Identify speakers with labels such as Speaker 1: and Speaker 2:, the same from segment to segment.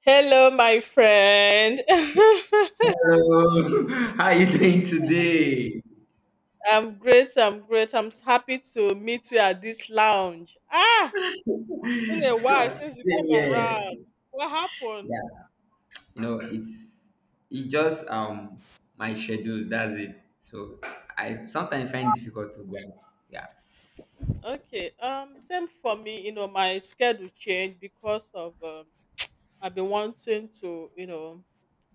Speaker 1: Hello, my friend.
Speaker 2: Hello, how are you doing today?
Speaker 1: I'm great. I'm great. I'm happy to meet you at this lounge. Been a while since you
Speaker 2: Same
Speaker 1: came
Speaker 2: here.
Speaker 1: around. What happened?
Speaker 2: Yeah, you know, it's it's just my schedules. That's it. So I sometimes find it difficult to go out. Yeah.
Speaker 1: Okay. Same for me. You know, my schedule changed because of I've been wanting to,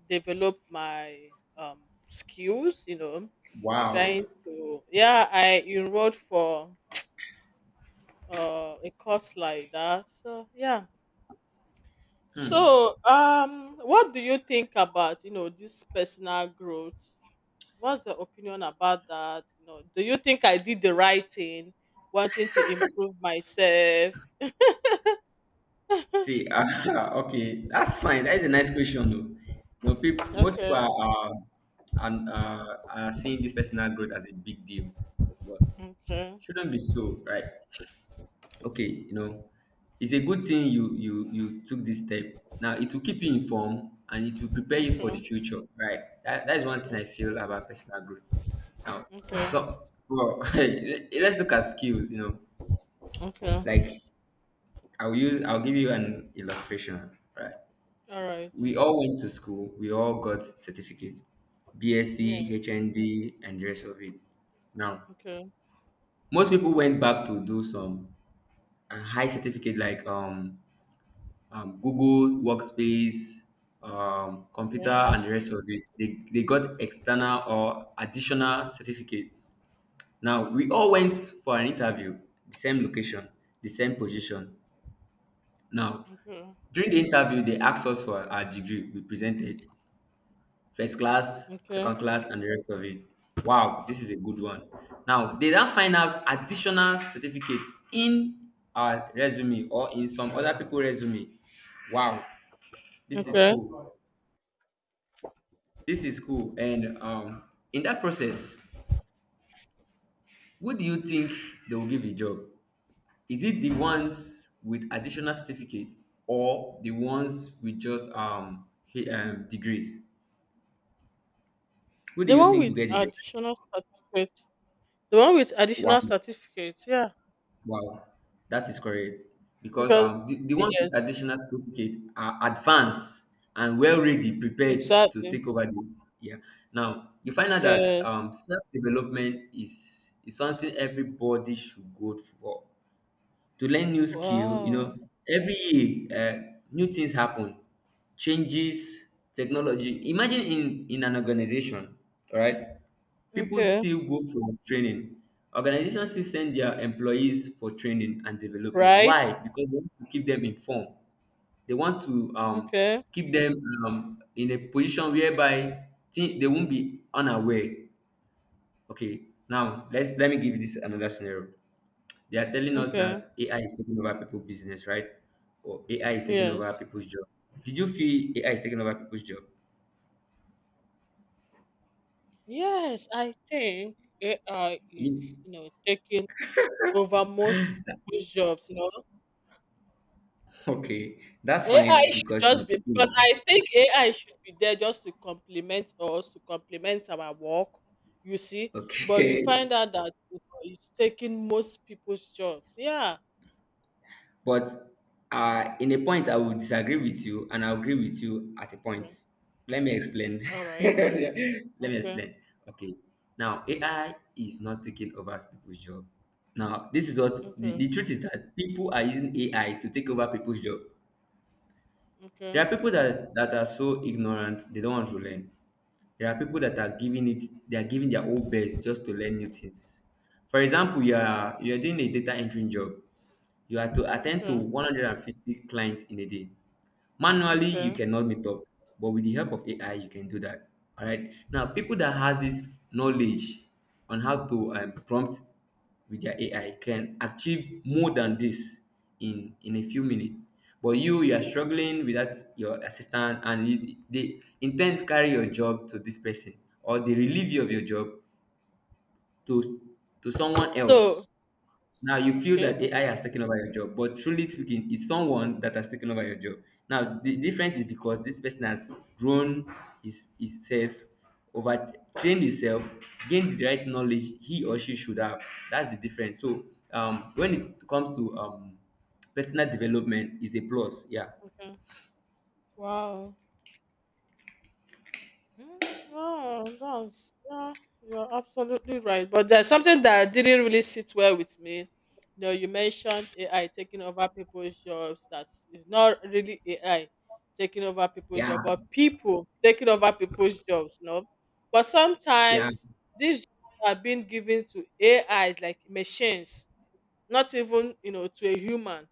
Speaker 1: develop my skills. You know,
Speaker 2: Wow.
Speaker 1: trying to. Yeah, I enrolled for a course like that. So yeah.
Speaker 2: Hmm.
Speaker 1: So, what do you think about this personal growth? What's your opinion about that? Do you think I did the right thing, wanting to improve myself?
Speaker 2: See. Okay, that's fine. That's a nice question, though. You know, most people
Speaker 1: Okay,
Speaker 2: are and are seeing this personal growth as a big deal, but
Speaker 1: okay,
Speaker 2: shouldn't be so, right? Okay, you know, it's a good thing you took this step. Now it will keep you informed and it will prepare you for
Speaker 1: okay,
Speaker 2: the future, right? That is one thing
Speaker 1: okay,
Speaker 2: I feel about personal growth now.
Speaker 1: okay,
Speaker 2: So well let's look at skills, you know,
Speaker 1: okay.
Speaker 2: like I'll give you an illustration, right?
Speaker 1: All right.
Speaker 2: We all went to school, we all got certificate, BSc,
Speaker 1: Yeah.
Speaker 2: HND and the rest of it. Now
Speaker 1: Okay.
Speaker 2: most people went back to do some high certificate, like Google Workspace, computer, and the
Speaker 1: Yes.
Speaker 2: rest of it. They got external or additional certificate. Now, we all went for an interview, the same location, the same position. Now,
Speaker 1: Okay.
Speaker 2: during the interview, they asked us for our degree. We presented first class,
Speaker 1: Okay.
Speaker 2: second class, and the rest of it. Wow, this is a good one. Now, they then find out additional certificate in our resume or in some other people resume. Wow, this is
Speaker 1: Okay.
Speaker 2: cool. This is cool. And in that process, who do you think they will give a job? Is it the ones with additional certificate or the ones with just degrees? Who do
Speaker 1: The
Speaker 2: you
Speaker 1: one
Speaker 2: think will
Speaker 1: with
Speaker 2: get the job?
Speaker 1: additional certificate. The one with
Speaker 2: Wow,
Speaker 1: additional certificate. Yeah.
Speaker 2: wow, that is correct. Because
Speaker 1: Because
Speaker 2: the ones with
Speaker 1: yes,
Speaker 2: additional certificate are advanced and well ready, prepared to
Speaker 1: exactly.
Speaker 2: take over the yeah. Now you find out that
Speaker 1: Yes.
Speaker 2: self development is something everybody should go for to learn new skill, you know.
Speaker 1: Wow.
Speaker 2: Every year new things happen, changes, technology. Imagine in an organization. All right, people
Speaker 1: Okay.
Speaker 2: still go for training. Organizations still send their employees for training and development.
Speaker 1: Right.
Speaker 2: Why? Because they want to keep them informed, they want to
Speaker 1: Okay.
Speaker 2: keep them in a position whereby they won't be unaware. Okay, now let me give you this another scenario. They are telling us
Speaker 1: Okay.
Speaker 2: that AI is taking over people's business, right? Or AI is taking over
Speaker 1: Yes.
Speaker 2: people's job. Did you feel AI is taking over people's job?
Speaker 1: Yes, I think AI
Speaker 2: You,
Speaker 1: is, taking over most people's jobs.
Speaker 2: okay, that's
Speaker 1: AI
Speaker 2: fine
Speaker 1: should
Speaker 2: because
Speaker 1: just
Speaker 2: you
Speaker 1: be because
Speaker 2: feel.
Speaker 1: I think AI should be there just to complement us, to complement our work, you see. But you
Speaker 2: Okay.
Speaker 1: find out that it's taking most people's jobs. Yeah.
Speaker 2: But in a point, I will disagree with you, and I'll agree with you at a
Speaker 1: Okay.
Speaker 2: point. Let me explain.
Speaker 1: All right.
Speaker 2: Let me
Speaker 1: Okay.
Speaker 2: explain. Okay. Now, AI is not taking over people's job. Now, this is what the,
Speaker 1: Okay.
Speaker 2: the truth is, that people are using AI to take over people's job. There
Speaker 1: Okay.
Speaker 2: are people that are so ignorant they don't want to learn. There are people that are giving it, they are giving their whole best just to learn new things. For example, you are doing a data entering job. You are to attend to
Speaker 1: Okay.
Speaker 2: 150 clients in a day. Manually,
Speaker 1: Okay.
Speaker 2: you cannot meet up, but with the help of AI, you can do that. All right. Now, people that has this knowledge on how to prompt with their AI can achieve more than this in a few minutes. But you are struggling with that your assistant, and you, they intend to carry your job to this person, or they relieve you of your job to to someone else.
Speaker 1: So
Speaker 2: Now you feel
Speaker 1: okay.
Speaker 2: that AI
Speaker 1: Okay.
Speaker 2: has taken over your job, but truly speaking, it's someone that has taken over your job. Now the difference is
Speaker 1: Mhm.
Speaker 2: because this person has grown his himself, over trained himself, gained the right knowledge he or she should have. That's the difference. So when it comes to personal development, is a plus. Yeah,
Speaker 1: Okay. Wow. Mm. Wow, that's yeah, you're absolutely right. But there's something that didn't really sit well with me. You mentioned AI taking over people's jobs. That is not really AI taking over people's
Speaker 2: yeah,
Speaker 1: job, but people taking over people's jobs. No, but
Speaker 2: yeah.
Speaker 1: sometimes these jobs are being given to AIs like machines, not even to a human.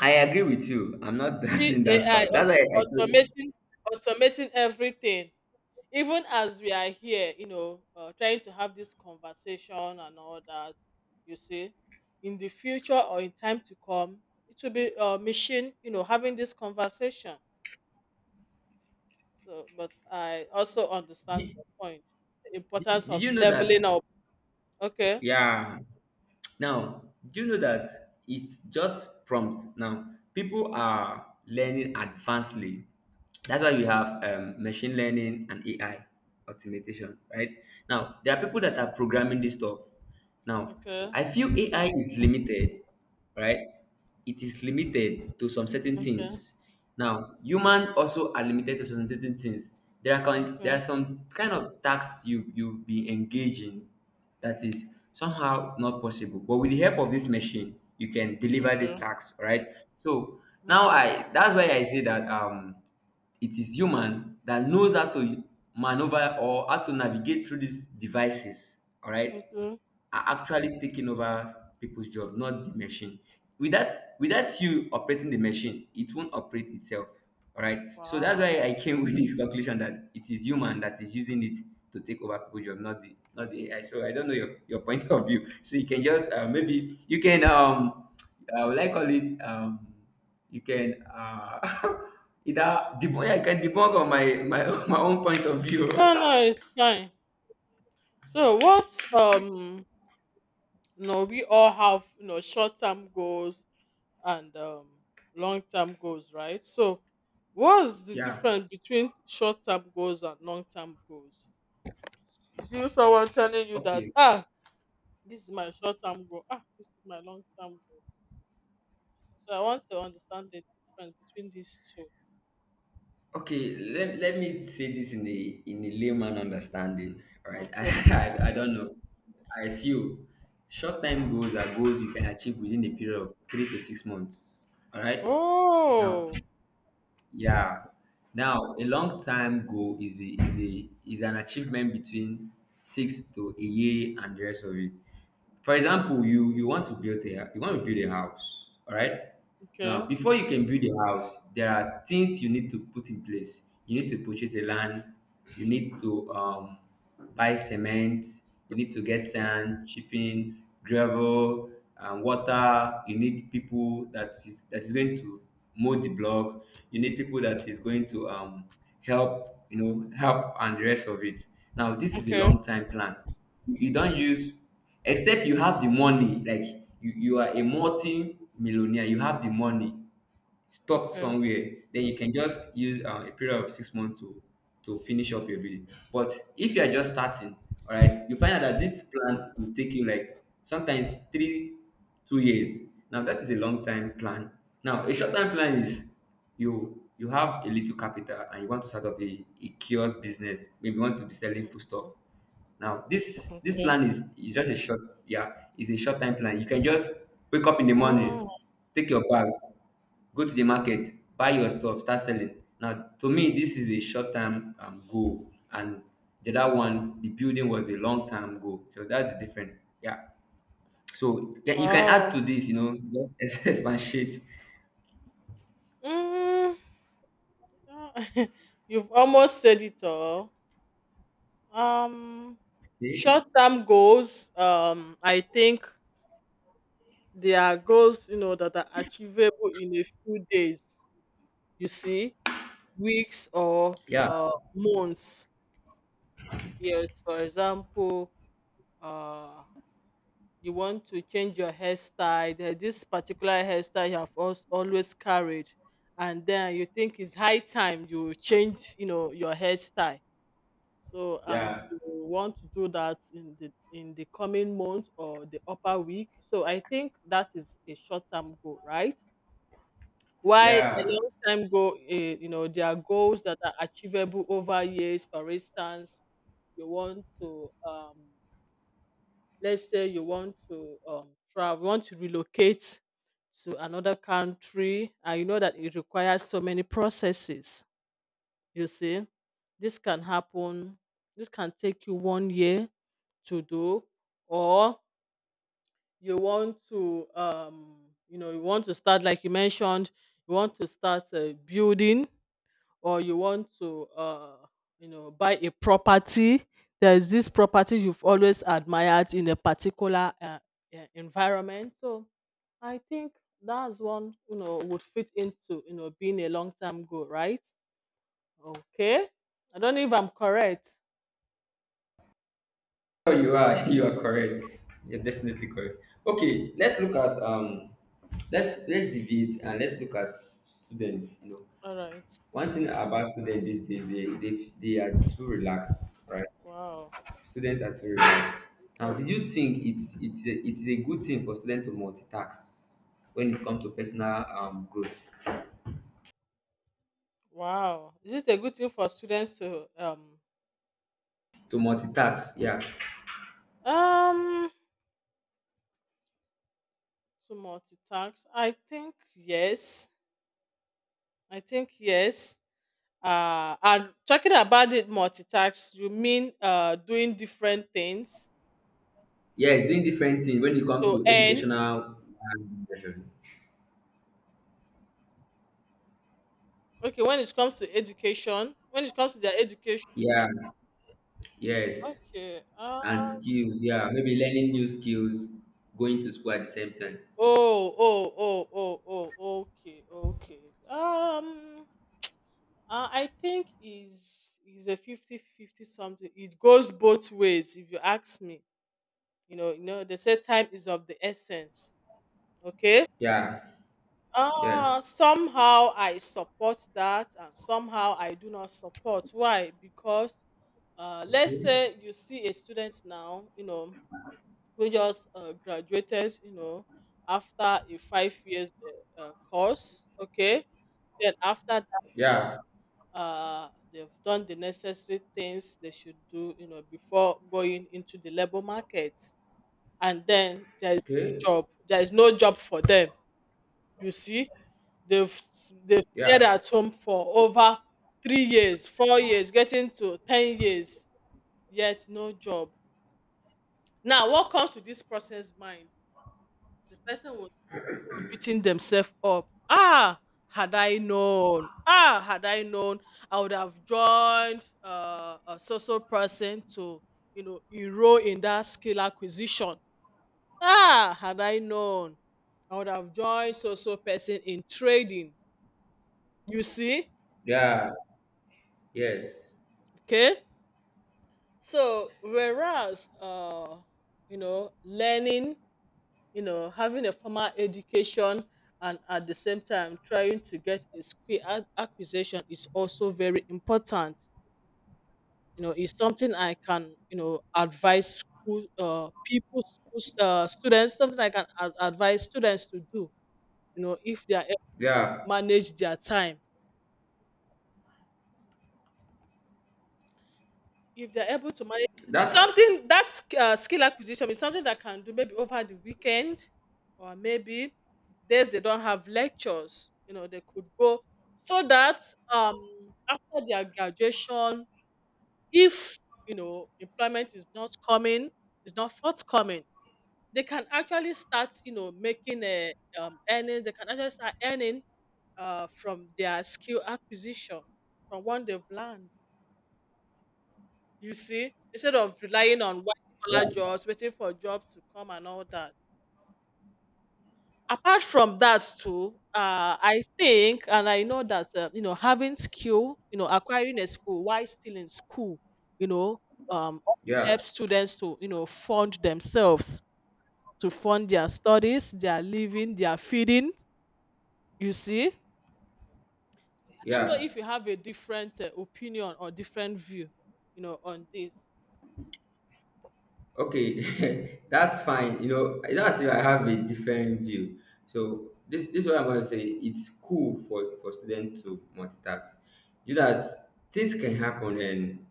Speaker 2: I agree with you. I'm
Speaker 1: You
Speaker 2: not
Speaker 1: see
Speaker 2: doubting that
Speaker 1: AI
Speaker 2: fact. That's why I told.
Speaker 1: automating automating everything, even as we are here, trying to have this conversation and all that, you see, in the future or in time to come, it will be a machine, having this conversation. So, but I also understand
Speaker 2: Did,
Speaker 1: the point, the importance
Speaker 2: did
Speaker 1: of
Speaker 2: you know that?
Speaker 1: leveling up. Okay.
Speaker 2: Yeah. Now, do you know that it's just prompts? Now, people are learning advancedly. That's why we have machine learning and AI automation, right? Now, there are people that are
Speaker 1: Okay.
Speaker 2: programming this stuff. Now,
Speaker 1: Okay.
Speaker 2: I feel AI is limited, right? It is limited to some certain
Speaker 1: Okay.
Speaker 2: things. Now, human also are limited to some certain things. There
Speaker 1: Okay.
Speaker 2: are some kind of tasks you be engaging that is somehow not possible. But with the help of this machine, you can deliver this
Speaker 1: Okay.
Speaker 2: task, right? So now
Speaker 1: Okay.
Speaker 2: I that's why I say that it is human that knows how to maneuver or how to navigate through these devices, all right,
Speaker 1: Okay.
Speaker 2: are actually taking over people's job, not the machine. Without Without you operating the machine, it won't operate itself. All right. So that's
Speaker 1: Wow.
Speaker 2: why I came with the calculation that it is human that is using it to take over people's job, not the AI. So I don't know your point of view. So you can just maybe you can I would like call it you can either debunk, yeah, I can debunk on my my own point of view.
Speaker 1: No, no, it's fine. So, what we all have, short-term goals and long term goals, right? So, what's the
Speaker 2: Yeah.
Speaker 1: difference between short term goals and long term goals? Is you someone telling you that,
Speaker 2: Okay.
Speaker 1: this is my short term goal, this is my long term goal? So, I want to understand the difference between these two.
Speaker 2: Okay, let me say this in a layman understanding. All right,
Speaker 1: Okay.
Speaker 2: I don't know. I feel short time goals are goals you can achieve within a period of 3 to 6 months. All right, now
Speaker 1: Oh.
Speaker 2: yeah. Now, a long time goal is a is a is an achievement between six to a year and the rest of it. For
Speaker 1: Mm.
Speaker 2: example, you want to build a house, all right? Now,
Speaker 1: Okay.
Speaker 2: before you can build a house, there are things you need to put in place. You need to purchase the land, you need to buy cement, you need to get sand, chippings, gravel and water. You need people that is going to mold the block, you need people that is going to help, you know, help and the rest of it. Now this is a
Speaker 1: Okay.
Speaker 2: long time plan. You don't use, except you have the money, like you are a multi millionaire, you have the money stopped
Speaker 1: Okay.
Speaker 2: somewhere, then you can just use a period of 6 months to finish up your building. But if you are just starting, all right, you find out that this plan will take you like sometimes 2 years. Now that is a long time plan. Now a short time plan is you have a little capital and you want to start up a kiosk business. Maybe you want to be selling food stuff. Now this
Speaker 1: Okay.
Speaker 2: plan is just a short yeah, it's a short time plan. You can just wake up in the
Speaker 1: Oh,
Speaker 2: morning, take your bag, go to the market, buy your stuff, start selling. Now to me this is a short term goal, and the other one, the building, was a long term goal. So that's the difference. Yeah, so yeah, you can add
Speaker 1: wow.
Speaker 2: to this, you know, just expatiate.
Speaker 1: Mm. You've almost said it all. Um, Short-term goals. I think they are goals that are achievable in a few days. You see, weeks or
Speaker 2: Yeah,
Speaker 1: months. Yes, for example, uh, you want to change your hairstyle. There's this particular hairstyle you have always carried, and then you think it's high time you change, your hairstyle. So, and
Speaker 2: yeah,
Speaker 1: you want to do that in the coming month or the upper week. So I think that is a short term goal, right? Why a
Speaker 2: yeah.
Speaker 1: long time goal, there are goals that are achievable over years. For instance, you want to, let's say you want to travel, want to relocate to another country, and you know that it requires so many processes, you see, this can happen. This can take you one year to do, or you want to, um, you want to start like you mentioned. You want to start building, or you want to, buy a property. There is this property you've always admired in a particular environment. So, I think that's one would fit into being a long term goal, right? Okay. I don't know if I'm correct.
Speaker 2: Oh,
Speaker 1: Mm.
Speaker 2: you are you are correct. You're definitely correct. Okay, let's look at let's deviate and let's look at students. You know,
Speaker 1: All right.
Speaker 2: one thing about students these days, they are too relaxed, right?
Speaker 1: Wow.
Speaker 2: Student at three. Now,
Speaker 1: Yeah.
Speaker 2: do you think it's a good thing for students to multitask when it comes to personal growth?
Speaker 1: Wow. Is it a good thing for students to
Speaker 2: To multitask, yeah,
Speaker 1: um to multitask? I think yes. I think yes. And talking about it multitask, you mean doing different things.
Speaker 2: yeah, doing different things when it comes
Speaker 1: So
Speaker 2: to
Speaker 1: and
Speaker 2: educational.
Speaker 1: okay, when it comes to education, when it comes to their education,
Speaker 2: Yeah, yes,
Speaker 1: okay.
Speaker 2: and skills. Yeah, maybe learning new skills, going to school at the same time.
Speaker 1: Oh, oh, oh, oh, oh, okay, okay. Um I think is a fifty fifty something. It goes both ways, if you ask me. They say time is of the essence. Okay.
Speaker 2: Yeah, yeah,
Speaker 1: Somehow I support that and somehow I do not support. Why? Because let's say you see a student now, who just graduated, after a 5 years course, okay. Then after
Speaker 2: yeah.
Speaker 1: they've done the necessary things they should do, before going into the labor market. And then there's
Speaker 2: Okay.
Speaker 1: no job. There is no job for them. You see, they've they've stayed
Speaker 2: Yeah,
Speaker 1: at home for over 3 years, 4 years, getting to 10 years, yet no job. Now, what comes to this person's mind? The person will of beating themselves up. Had I known, had I known, I would have joined a social person to, enroll in that skill acquisition. Had I known, I would have joined social person in trading. You see,
Speaker 2: yeah, yes,
Speaker 1: okay. So whereas, learning, having a formal education and at the same time trying to get a skill acquisition is also very important. It's something I can, advise school people, school, students, something I can advise students to do, if they are able to
Speaker 2: yeah.
Speaker 1: manage their time. If they're able to manage, it's
Speaker 2: That's
Speaker 1: something that skill acquisition is something that can do maybe over the weekend, or maybe days they don't have lectures, they could go, so that um after their graduation, if employment is not coming, is not forthcoming, they can actually start, making a earnings, they can actually start earning from their skill acquisition, from what they've learned. You see, instead of relying on white collar
Speaker 2: yeah,
Speaker 1: jobs, waiting for jobs to come and all that. Apart from that too, I think and I know that having skill, acquiring a skill while still in school, you know, um,
Speaker 2: yeah,
Speaker 1: helps students to fund themselves, to fund their studies, their living, their feeding. You see, I don't know
Speaker 2: yeah.
Speaker 1: if you have a different opinion or different view, on this.
Speaker 2: Okay, that's fine. You know, that's if I have a different view. So this is what I'm going to say. It's cool for students to multitask. You know that things can happen and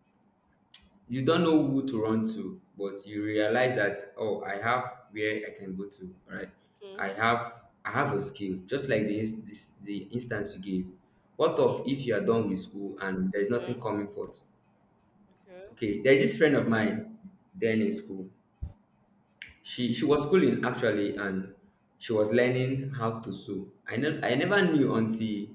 Speaker 2: you don't know who to run to, but you realize that oh, I have where I can go to. Right,
Speaker 1: Mm. Okay,
Speaker 2: I have a skill. Just like this the instance you gave. What of
Speaker 1: okay,
Speaker 2: if you are done with school and there is nothing
Speaker 1: okay,
Speaker 2: coming forth?
Speaker 1: okay.
Speaker 2: Okay, there is this friend of mine then in school. She was schooling actually, and she was learning how to sew. I know I never knew until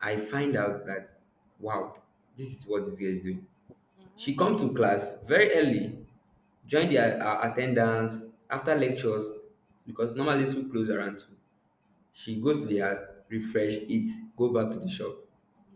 Speaker 2: I find out that wow, this is what this girl is doing.
Speaker 1: Mm-hmm.
Speaker 2: She come to class very early, join the attendance after lectures because normally school close around two. She goes to the house, refresh, eat, go back to the shop.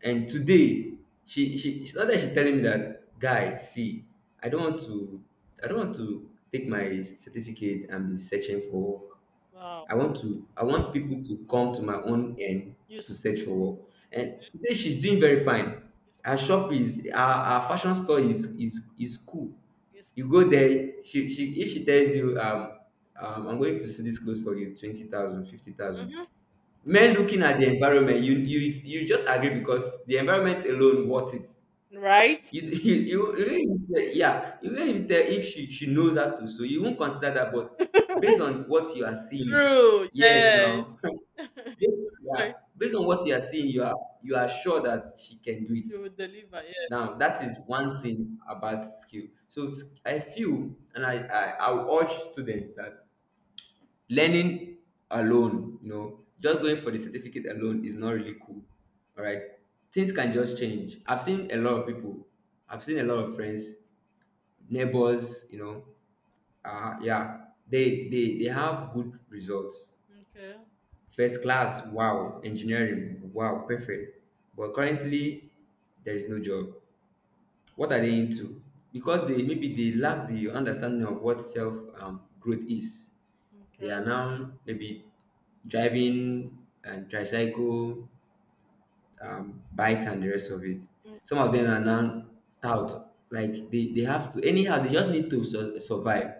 Speaker 2: And today, not that she's telling me that, guy, see, I don't want to I don't want to take my certificate and be searching for work.
Speaker 1: Wow.
Speaker 2: I want people to come to my own end
Speaker 1: You
Speaker 2: to
Speaker 1: see,
Speaker 2: search for work. And today she's doing very fine. Her shop is, our fashion store is cool.
Speaker 1: you see.
Speaker 2: You go there, she if she tells you I'm going to see this clothes for you, 20,000 fifty thousand
Speaker 1: Mm-hmm.
Speaker 2: men. Looking at the environment, you just agree because the environment alone worth it.
Speaker 1: Right?
Speaker 2: You you don't even- tell- yeah, you don't even tell if she knows how to, so you won't consider that, but based on what you are seeing.
Speaker 1: True.
Speaker 2: Yes.
Speaker 1: Yes.
Speaker 2: Now, yeah, based on what you are seeing, you are sure that she can do it.
Speaker 1: She would deliver. Yeah.
Speaker 2: Now, that is one thing about skill. So I feel, and I will urge students that learning alone, just going for the certificate alone is not really cool. All right. Things can just change. I've seen a lot of people, I've seen a lot of friends, neighbors, yeah, they have good results.
Speaker 1: Okay.
Speaker 2: First class, wow. Engineering, wow, perfect. But currently, there is no job. What are they into? Because they, maybe they lack the understanding of what self growth is. They
Speaker 1: Okay.
Speaker 2: are now maybe driving, and tricycle, bike, and the rest of it. Some of them are now tout. Like, they have to anyhow, they just need to survive.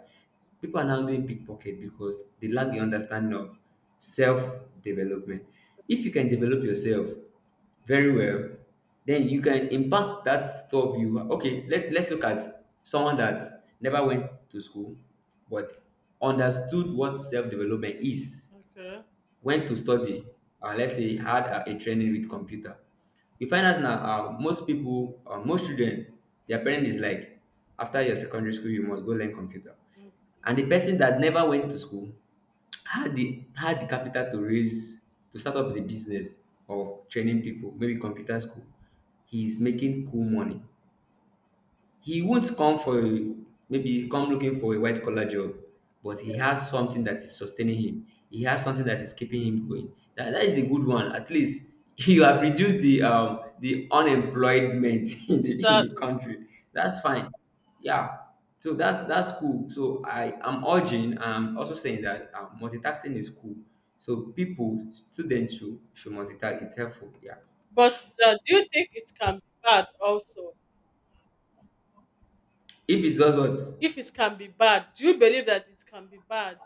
Speaker 2: People are now doing pickpocket because they lack the understanding of self-development. If you can develop yourself very well, then you can impact that stuff. You, okay, let's look at someone that never went to school but understood what self-development is.
Speaker 1: Okay.
Speaker 2: Went to study, let's say, had a training with computer. You find out now, most people, most children, their parent is like, after your secondary school you must go learn computer. And the person that never went to school had the capital to raise, to start up the business, or training people, maybe computer school, he is making cool money. He won't come for a, maybe come looking for a white collar job, but he has something that is sustaining him. He has something that is keeping him going. That, that is a good one. At least, you have reduced the unemployment in the
Speaker 1: So,
Speaker 2: country. That's fine. Yeah. So that's cool. So I am urging. I'm also saying that multitasking is cool. So people, students should multitask. It's helpful. Yeah.
Speaker 1: but do you think it can be bad also?
Speaker 2: If it does, what?
Speaker 1: If it can be bad, do you believe that it can be bad?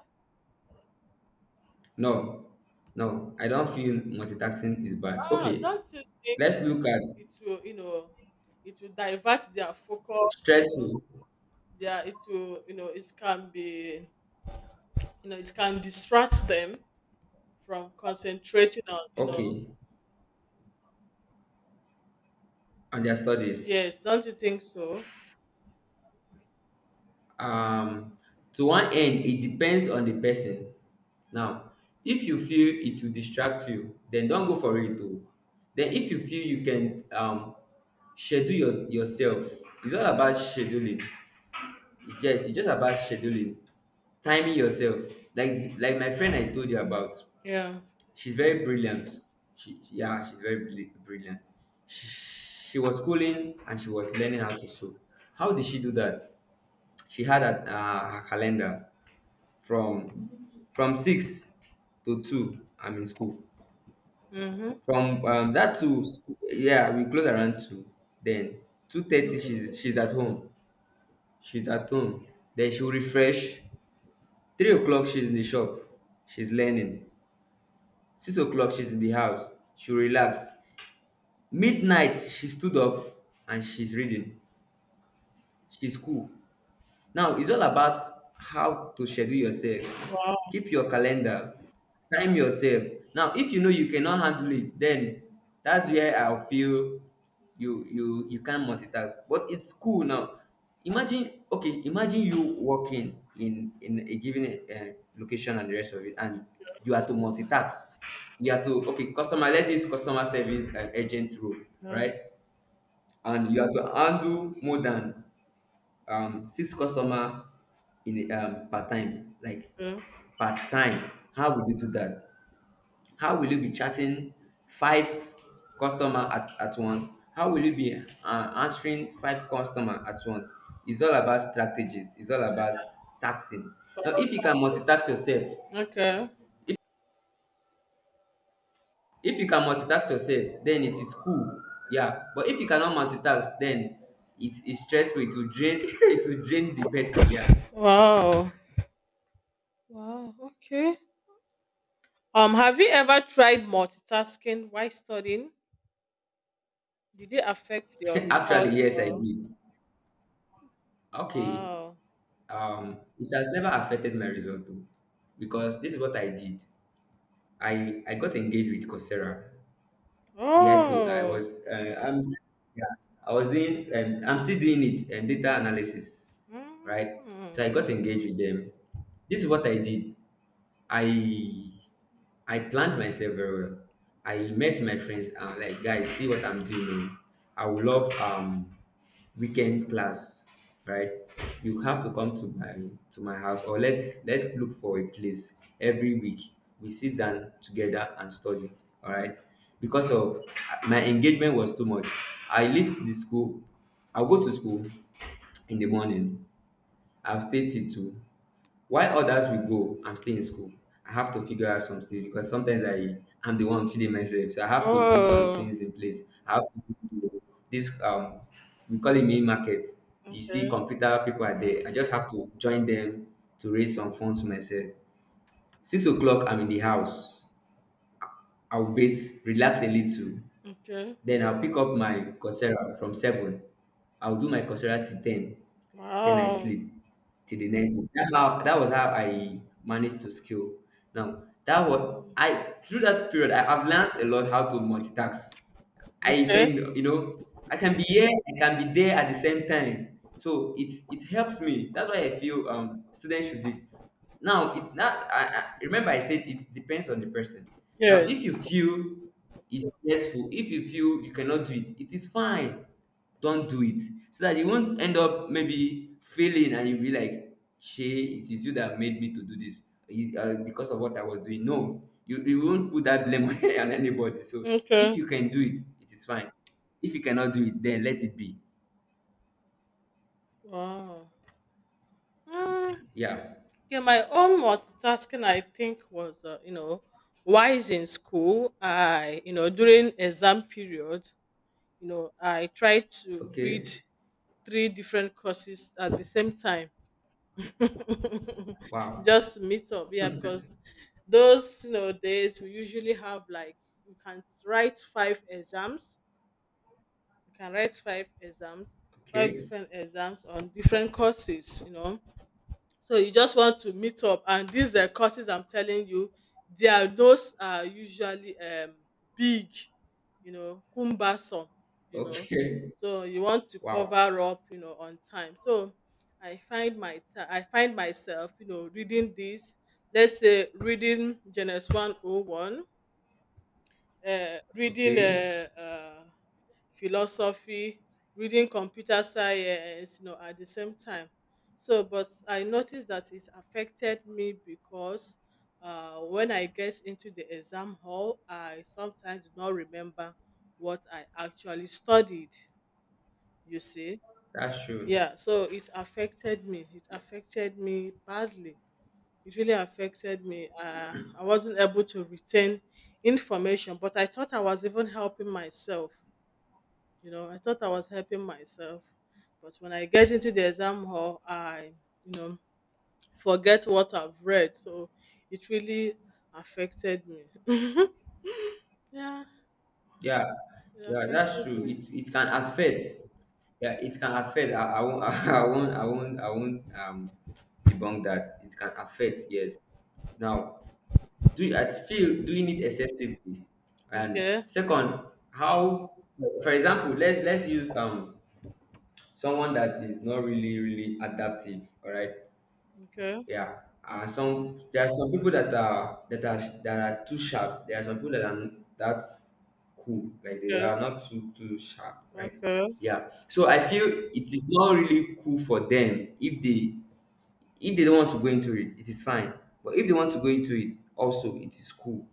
Speaker 2: No, no, I don't feel multitasking is bad. Okay,
Speaker 1: Don't you think
Speaker 2: let's look at
Speaker 1: it will, you know, it will divert their focus? You know,
Speaker 2: stressful.
Speaker 1: their, it can be, it can distract them from concentrating on.
Speaker 2: Okay, on their studies.
Speaker 1: Yes, don't you think so?
Speaker 2: Um, to one end, it depends on the person. Now, if you feel it will distract you, then don't go for it. Though. Then, if you feel you can schedule yourself, it's all about scheduling. It's just about scheduling, timing yourself. Like my friend I told you about.
Speaker 1: Yeah.
Speaker 2: She's very brilliant. Yeah, she's very brilliant. She, she was schooling and she was learning how to sew. How did she do that? She had her calendar from 6 to 2. I'm in school. From that to school, yeah, we close around 2. Then 2:30, she's at home. She's at home. Then she'll refresh. 3 o'clock, she's in the shop. She's learning. 6 o'clock, she's in the house. She'll relax. Midnight, she stood up, and she's reading. She's cool. Now it's all about how to schedule yourself.
Speaker 1: Wow.
Speaker 2: Keep your calendar, time yourself. Now, if you know you cannot handle it, then that's where I feel you can't multitask. But it's cool. Now imagine. Okay, imagine you working in a given location and the rest of it, and you are to multitask. You are to, okay, customer, let's use customer service and agent role.
Speaker 1: Yeah.
Speaker 2: Right? And you have to handle more than six customer in a per time, like
Speaker 1: Okay.
Speaker 2: per time. How will you do that? How will you be chatting five customer at once? How will you be answering five customer at once? It's all about strategies. It's all about taxing. Now, if you can multitask yourself,
Speaker 1: Okay.
Speaker 2: if you can multitask yourself, then it is cool. Yeah. But if you cannot multitask, then it is stressful. It will drain, it will drain the person. Yeah.
Speaker 1: Wow. Wow. Okay. Have you ever tried multitasking while studying? Did it affect your
Speaker 2: Actually,
Speaker 1: results?
Speaker 2: yes, I
Speaker 1: Or,
Speaker 2: did. Okay.
Speaker 1: wow.
Speaker 2: It has never affected my result though, because this is what I did. I got engaged with Coursera. We had to, I
Speaker 1: Oh.
Speaker 2: was, I'm, yeah, I was doing, and I'm still doing it, and data analysis, right? So
Speaker 1: Mm.
Speaker 2: I got engaged with them. This is what I did. I I planned myself very well. I met my friends, and like, guys, see what I'm doing. Oh. I would love weekend class, right? You have to come to my house or let's look for a place every week. We sit down together and study. All right. Because of, my engagement was too much. I left the school. I go to school in the morning. I'll stay till 2. While others will go, I'm still in school. I have to figure out some things because sometimes I'm the one feeding myself. So I have to put some
Speaker 1: Oh.
Speaker 2: things in place. I have to, this we call it main market. You see,
Speaker 1: Okay.
Speaker 2: computer people are there. I just have to join them to raise some funds for myself. 6 o'clock, I'm in the house. I'll wait, relax a little.
Speaker 1: Okay.
Speaker 2: Then I'll pick up my Coursera from 7. I'll do my Coursera till 10. Then I
Speaker 1: Wow.
Speaker 2: sleep till the next day. That's how, that was how I managed to scale. Now, that was, I, through that period, I've learned a lot how to multitask. I
Speaker 1: Okay.
Speaker 2: can you know I can be here, I can be there at the same time. So it helps me. That's why I feel students should do it now. It not. I remember I said it depends on the person. Now,
Speaker 1: Yes.
Speaker 2: if you feel it's stressful, if you feel you cannot do it, it is fine. Don't do it, so that you won't end up maybe failing, and you'll be like, shey it is you that made me to do this. Because of what I was doing. No, you won't put that blame on anybody. So if
Speaker 1: Okay.
Speaker 2: you can do it, it is fine. If you cannot do it, then let it be.
Speaker 1: Wow. Mm.
Speaker 2: Yeah.
Speaker 1: Yeah, my own multitasking, I think, was, wise in school. I, during exam period, I tried to read
Speaker 2: Okay.
Speaker 1: three different courses at the same time,
Speaker 2: Wow.
Speaker 1: just to meet up, yeah, because those, days we usually have like, you can write five exams, you can write five exams, five
Speaker 2: Okay.
Speaker 1: different exams on different courses, so you just want to meet up. And these courses, I'm telling you, their notes are usually big, cumbersome, you know.
Speaker 2: Okay.
Speaker 1: So you want to
Speaker 2: Wow.
Speaker 1: cover up, on time. So I find myself, reading this, let's say reading Genesis 101, reading
Speaker 2: Okay,
Speaker 1: philosophy, reading computer science, at the same time. So, but I noticed that it affected me because when I get into the exam hall, I sometimes do not remember what I actually studied, you see.
Speaker 2: that's true.
Speaker 1: Yeah, so it affected me. It affected me badly. It really affected me. I wasn't able to retain information, but I thought I was even helping myself, I thought I was helping myself, but when I get into the exam hall, I, you know, forget what I've read. So it really affected me. Yeah,
Speaker 2: Yeah,
Speaker 1: it
Speaker 2: yeah, that's
Speaker 1: affected
Speaker 2: true.
Speaker 1: me.
Speaker 2: It can affect. Yeah, it can affect. I won't. I won't. I won't. I won't. Debunk that. It can affect. Yes. Now, do I feel doing it excessively? And
Speaker 1: Okay,
Speaker 2: second, how? For example, let's use someone that is not really really adaptive. All right.
Speaker 1: okay,
Speaker 2: Yeah. And some there are some people that are, too sharp. There are some people that are that cool, like they
Speaker 1: okay,
Speaker 2: are not too too sharp, right?
Speaker 1: okay,
Speaker 2: Yeah. So I feel it is not really cool for them. If they, don't want to go into it, it is fine. But if they want to go into it, also it is cool.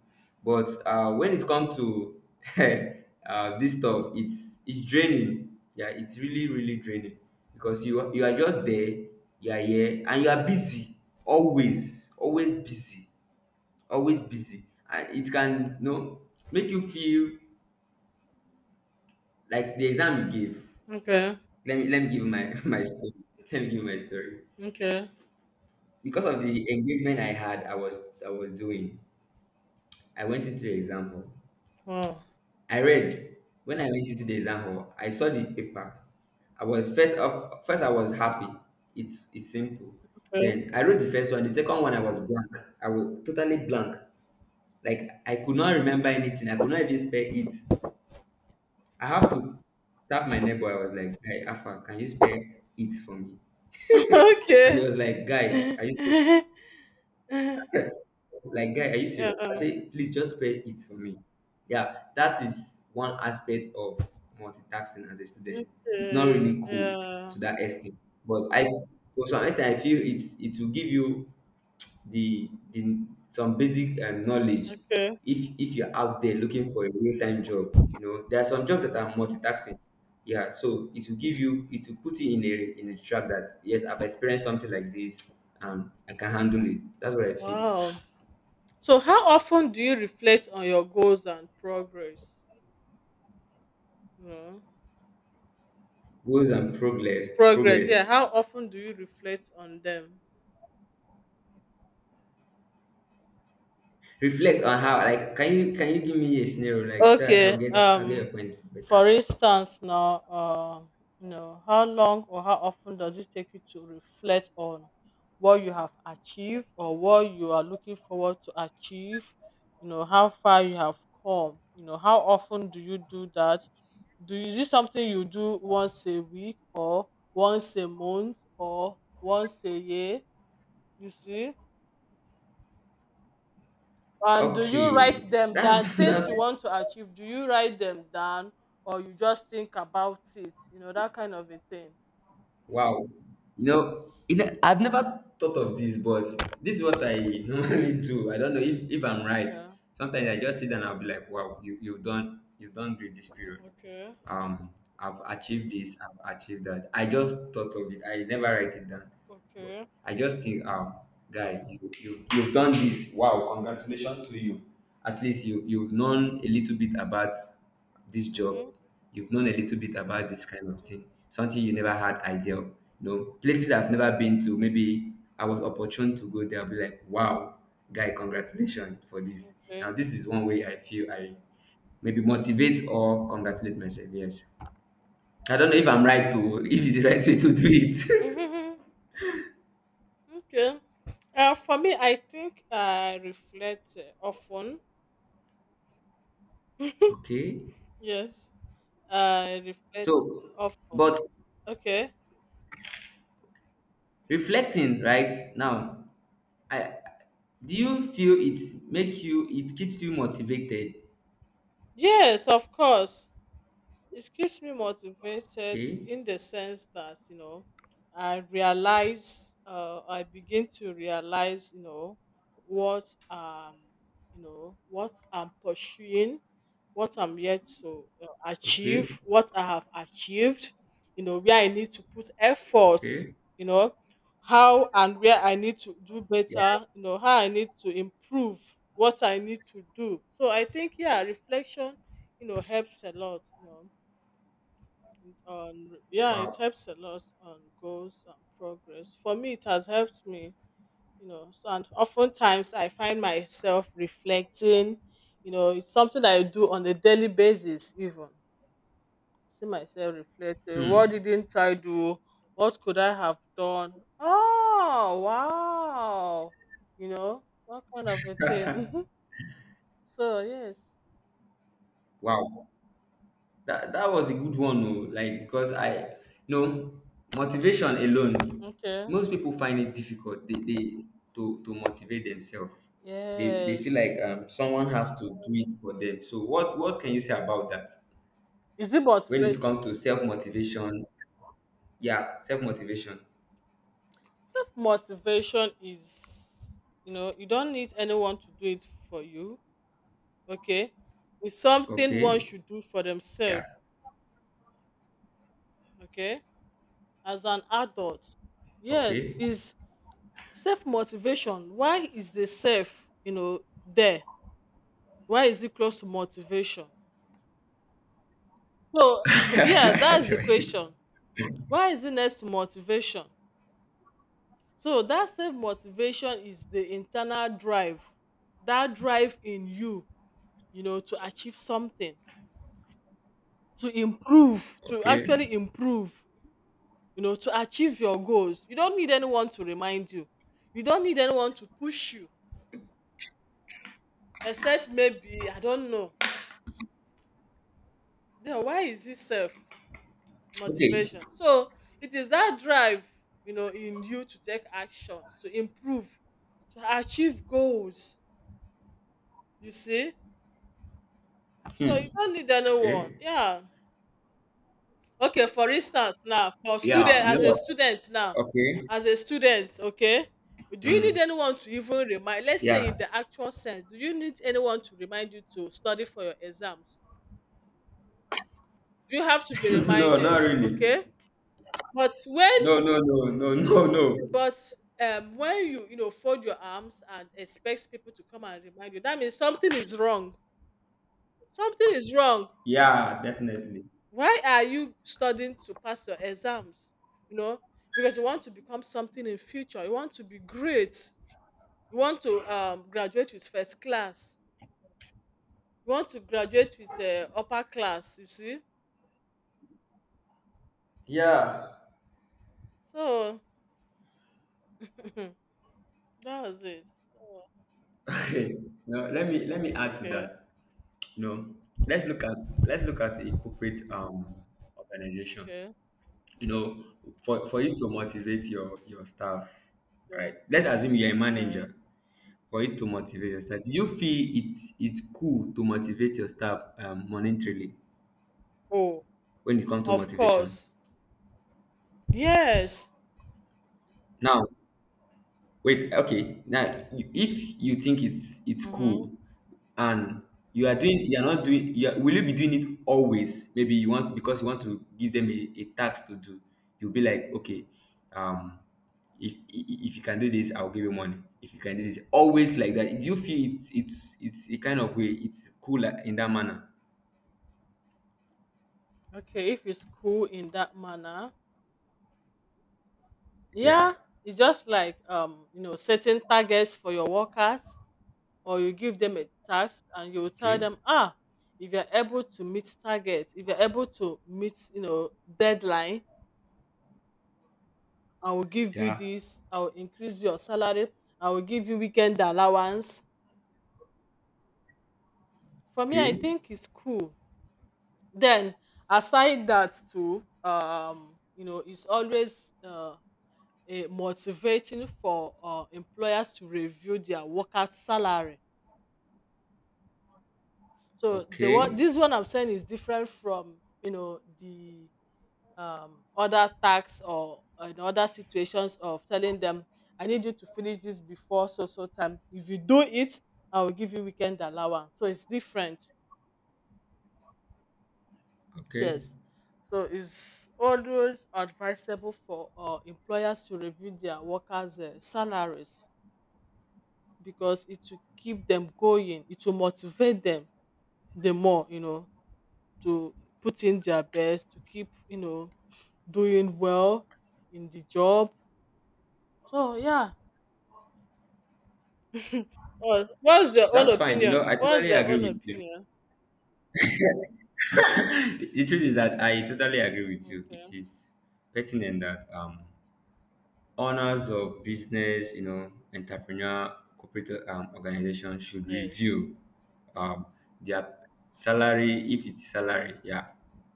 Speaker 2: But when it comes to this stuff, it's draining. Yeah, it's really really draining, because you, are just there, you are here, and you are busy, always, always busy, and it can, you know, make you feel like the exam you gave.
Speaker 1: okay,
Speaker 2: Let me give you my my story. Let me give you my story.
Speaker 1: okay.
Speaker 2: Because of the engagement I had, I was doing. I went into the exam hall.
Speaker 1: Wow.
Speaker 2: I read. When I went into the exam hall, I saw the paper. I was first up, first I was happy. It's simple.
Speaker 1: Okay.
Speaker 2: Then I wrote the first one. The second one, I was blank. I was totally blank. Like, I could not remember anything. I could not even spell it. I have to tap my neighbor. I was like, guy, Alpha, can you spell it for me? And he
Speaker 1: Okay.
Speaker 2: was like, guy, are you serious?
Speaker 1: Yeah.
Speaker 2: Like, guy, are you serious? I
Speaker 1: Okay.
Speaker 2: say, please just pay it for me. Yeah, that is one aspect of multitasking as a student. It's not really cool
Speaker 1: Yeah.
Speaker 2: to that extent. But I to some extent I feel it will give you the some basic knowledge
Speaker 1: Okay.
Speaker 2: if you're out there looking for a real-time job, you know there are some jobs that are multitasking. Yeah, so it will give you, it will put you in a trap that yes, I've experienced something like this and I can handle it. That's what I feel.
Speaker 1: Wow. So, how often do you reflect on your goals and progress? Well,
Speaker 2: Goals and progress,
Speaker 1: progress. Yeah. How often do you reflect on them?
Speaker 2: reflect on how, like, can you give me a scenario like so I'll
Speaker 1: Okay.
Speaker 2: get
Speaker 1: Um,
Speaker 2: your points better?
Speaker 1: for instance, now, how long or how often does it take you to reflect on what you have achieved or what you are looking forward to achieve? How far you have come. How often do you do that? Do is it something you do once a week or once a month or once a year? You see. And do you
Speaker 2: Okay,
Speaker 1: write them down?
Speaker 2: that's
Speaker 1: Things
Speaker 2: that's
Speaker 1: you want to achieve, do you write them down or you just think about it? You know, that kind of a thing.
Speaker 2: wow. You know, I've never thought of this, but this is what I normally do. I don't know if I'm right.
Speaker 1: Okay.
Speaker 2: Sometimes I just sit and I'll be like, wow, you you've done great this period.
Speaker 1: Okay.
Speaker 2: Um, I've achieved this, I've achieved that. I just thought of it, I never write it down. But
Speaker 1: Okay.
Speaker 2: I just think, guy, you've done this. Wow, congratulations to you. At least you've known a little bit about this job.
Speaker 1: Mm-hmm.
Speaker 2: You've known a little bit about this kind of thing. Something you never had idea of. You know, places I've never been to. Maybe I was opportune to go there. I'll be like, wow, guy, congratulations for this. Now
Speaker 1: Okay.
Speaker 2: this is one way I feel I maybe motivate or congratulate myself. Yes. I don't know
Speaker 1: Uh,
Speaker 2: if I'm right to if it's the right way to do it.
Speaker 1: mhm. Okay. For me, I think I reflect often.
Speaker 2: Okay.
Speaker 1: Yes, I reflect
Speaker 2: So,
Speaker 1: often.
Speaker 2: but
Speaker 1: Okay.
Speaker 2: reflecting right
Speaker 1: Okay.
Speaker 2: now, I do you feel it makes you it keeps you motivated?
Speaker 1: Yes, of course. It keeps me motivated
Speaker 2: Okay,
Speaker 1: in the sense that, you know, I begin to realize, what um, you know, what I'm pursuing, what I'm yet to
Speaker 2: okay,
Speaker 1: achieve, what I have achieved, you know, where I need to put efforts,
Speaker 2: okay.
Speaker 1: you know, how and where I need to do
Speaker 2: Yeah.
Speaker 1: better, you know, how I need to improve, what I need to do. So I think, yeah, reflection, you know, helps a lot, you know on yeah it
Speaker 2: Wow.
Speaker 1: helps a lot on goals and progress. For me it has helped me, you know. So, and oftentimes I find myself reflecting, you know. It's something I do on a daily basis. Even see myself reflecting. What
Speaker 2: Hmm.
Speaker 1: didn't I do? What could I have done? Oh, wow. You know, what kind of a thing. So, yes.
Speaker 2: Wow. That was a good one, oh. Like, because I, you know, motivation alone,
Speaker 1: Okay.
Speaker 2: most people find it difficult. They to motivate themselves. They
Speaker 1: Yes.
Speaker 2: feel like someone has to do it for them. So what can you say about that
Speaker 1: Is it
Speaker 2: when it
Speaker 1: motivation?
Speaker 2: comes to self motivation? Yeah, self-motivation.
Speaker 1: Self motivation is, you know, you don't need anyone to do it for you. Okay. It's something one
Speaker 2: Okay.
Speaker 1: should do for
Speaker 2: Yeah.
Speaker 1: themselves. Okay. As an adult. Yes.
Speaker 2: Okay.
Speaker 1: Is self motivation. Why is the self, you know, there? Why is it close to motivation? So, yeah, that's the
Speaker 2: okay.
Speaker 1: question. Why is it next to motivation? So, that self motivation is the internal drive, that drive in you, you know, to achieve something, to improve, to actually improve, you know, to achieve your goals. You don't need anyone to remind you. You don't need anyone to push you, except maybe, I don't know. Then why is this self
Speaker 2: Okay.
Speaker 1: motivation so? It is that drive, you know, in you to take actions, to improve, to achieve goals. You see, so
Speaker 2: Hmm.
Speaker 1: you don't need anyone,
Speaker 2: Okay.
Speaker 1: yeah. Okay, for instance now, for
Speaker 2: Yeah.
Speaker 1: student
Speaker 2: You
Speaker 1: as
Speaker 2: know
Speaker 1: a
Speaker 2: what?
Speaker 1: student now,
Speaker 2: Okay.
Speaker 1: as a student, okay, do you need
Speaker 2: Hmm.
Speaker 1: anyone to even remind, let's
Speaker 2: Yeah.
Speaker 1: say in the actual sense, do you need anyone to remind you to study for your exams? Do you have to be
Speaker 2: no, not
Speaker 1: reminded?
Speaker 2: really.
Speaker 1: Okay. But when
Speaker 2: No, no, no.
Speaker 1: but when you, you know, fold your arms and expect people to come and remind you, that means something is wrong. Something is wrong.
Speaker 2: Yeah, definitely.
Speaker 1: Why are you studying? To pass your exams, you know, because you want to become something in future. You want to be great. You want to graduate with first class. You want to graduate with upper class. You see.
Speaker 2: Yeah.
Speaker 1: So, that was it. So,
Speaker 2: Okay. No, let me add to
Speaker 1: okay.
Speaker 2: that. You know, let's look at let's look at a corporate organization.
Speaker 1: Okay.
Speaker 2: You know, for you to motivate your staff,
Speaker 1: Yeah.
Speaker 2: right? Let's assume you're a
Speaker 1: All right.
Speaker 2: manager. For you to motivate your staff, do you feel it's cool to motivate your staff monetarily
Speaker 1: Oh,
Speaker 2: when it comes to
Speaker 1: of
Speaker 2: motivation?
Speaker 1: course. Yes.
Speaker 2: Now wait, okay, now if you think it's
Speaker 1: Mm-hmm.
Speaker 2: cool, and you are doing, you are not doing, will you be doing it always, maybe you want, because you want to give them a task to do? You'll be like, okay, um if, if you can do this, I'll give you money. If you can do this always like that, do you feel it's a kind of way, it's cool, like, in that manner?
Speaker 1: Okay, if it's cool in that manner,
Speaker 2: Yeah.
Speaker 1: yeah. It's just like, you know, setting targets for your workers, or you give them a task and you will tell
Speaker 2: Okay.
Speaker 1: them, ah, if you're able to meet target, if you're able to meet, you know, deadline, I will give you
Speaker 2: Yeah.
Speaker 1: this. I will increase your salary. I will give you weekend allowance. For me, I
Speaker 2: Okay.
Speaker 1: think it's cool. Then, aside that too, you know, it's always a motivating for employers to review their workers salary. So the one
Speaker 2: Okay.
Speaker 1: this one I'm saying is different from, you know, the other tasks or in other situations of telling them, I need you to finish this before so so time. If you do it, I will give you weekend allowance. So it's different.
Speaker 2: Okay.
Speaker 1: Yes. So it's always advisable for employers to review their workers salaries, because it will keep them going. It will motivate them the more, you know, to put in their best, to keep, you know, doing well in the job. So, yeah. What what's their own
Speaker 2: That's fine. You know,
Speaker 1: opinion?
Speaker 2: I
Speaker 1: What's
Speaker 2: totally
Speaker 1: their own
Speaker 2: agree with you.
Speaker 1: opinion?
Speaker 2: The truth is that I totally agree with you.
Speaker 1: Okay.
Speaker 2: It is pertinent that owners of business, you know, entrepreneur, corporate organization should
Speaker 1: Yes.
Speaker 2: review um, their salary, if it's salary, yeah,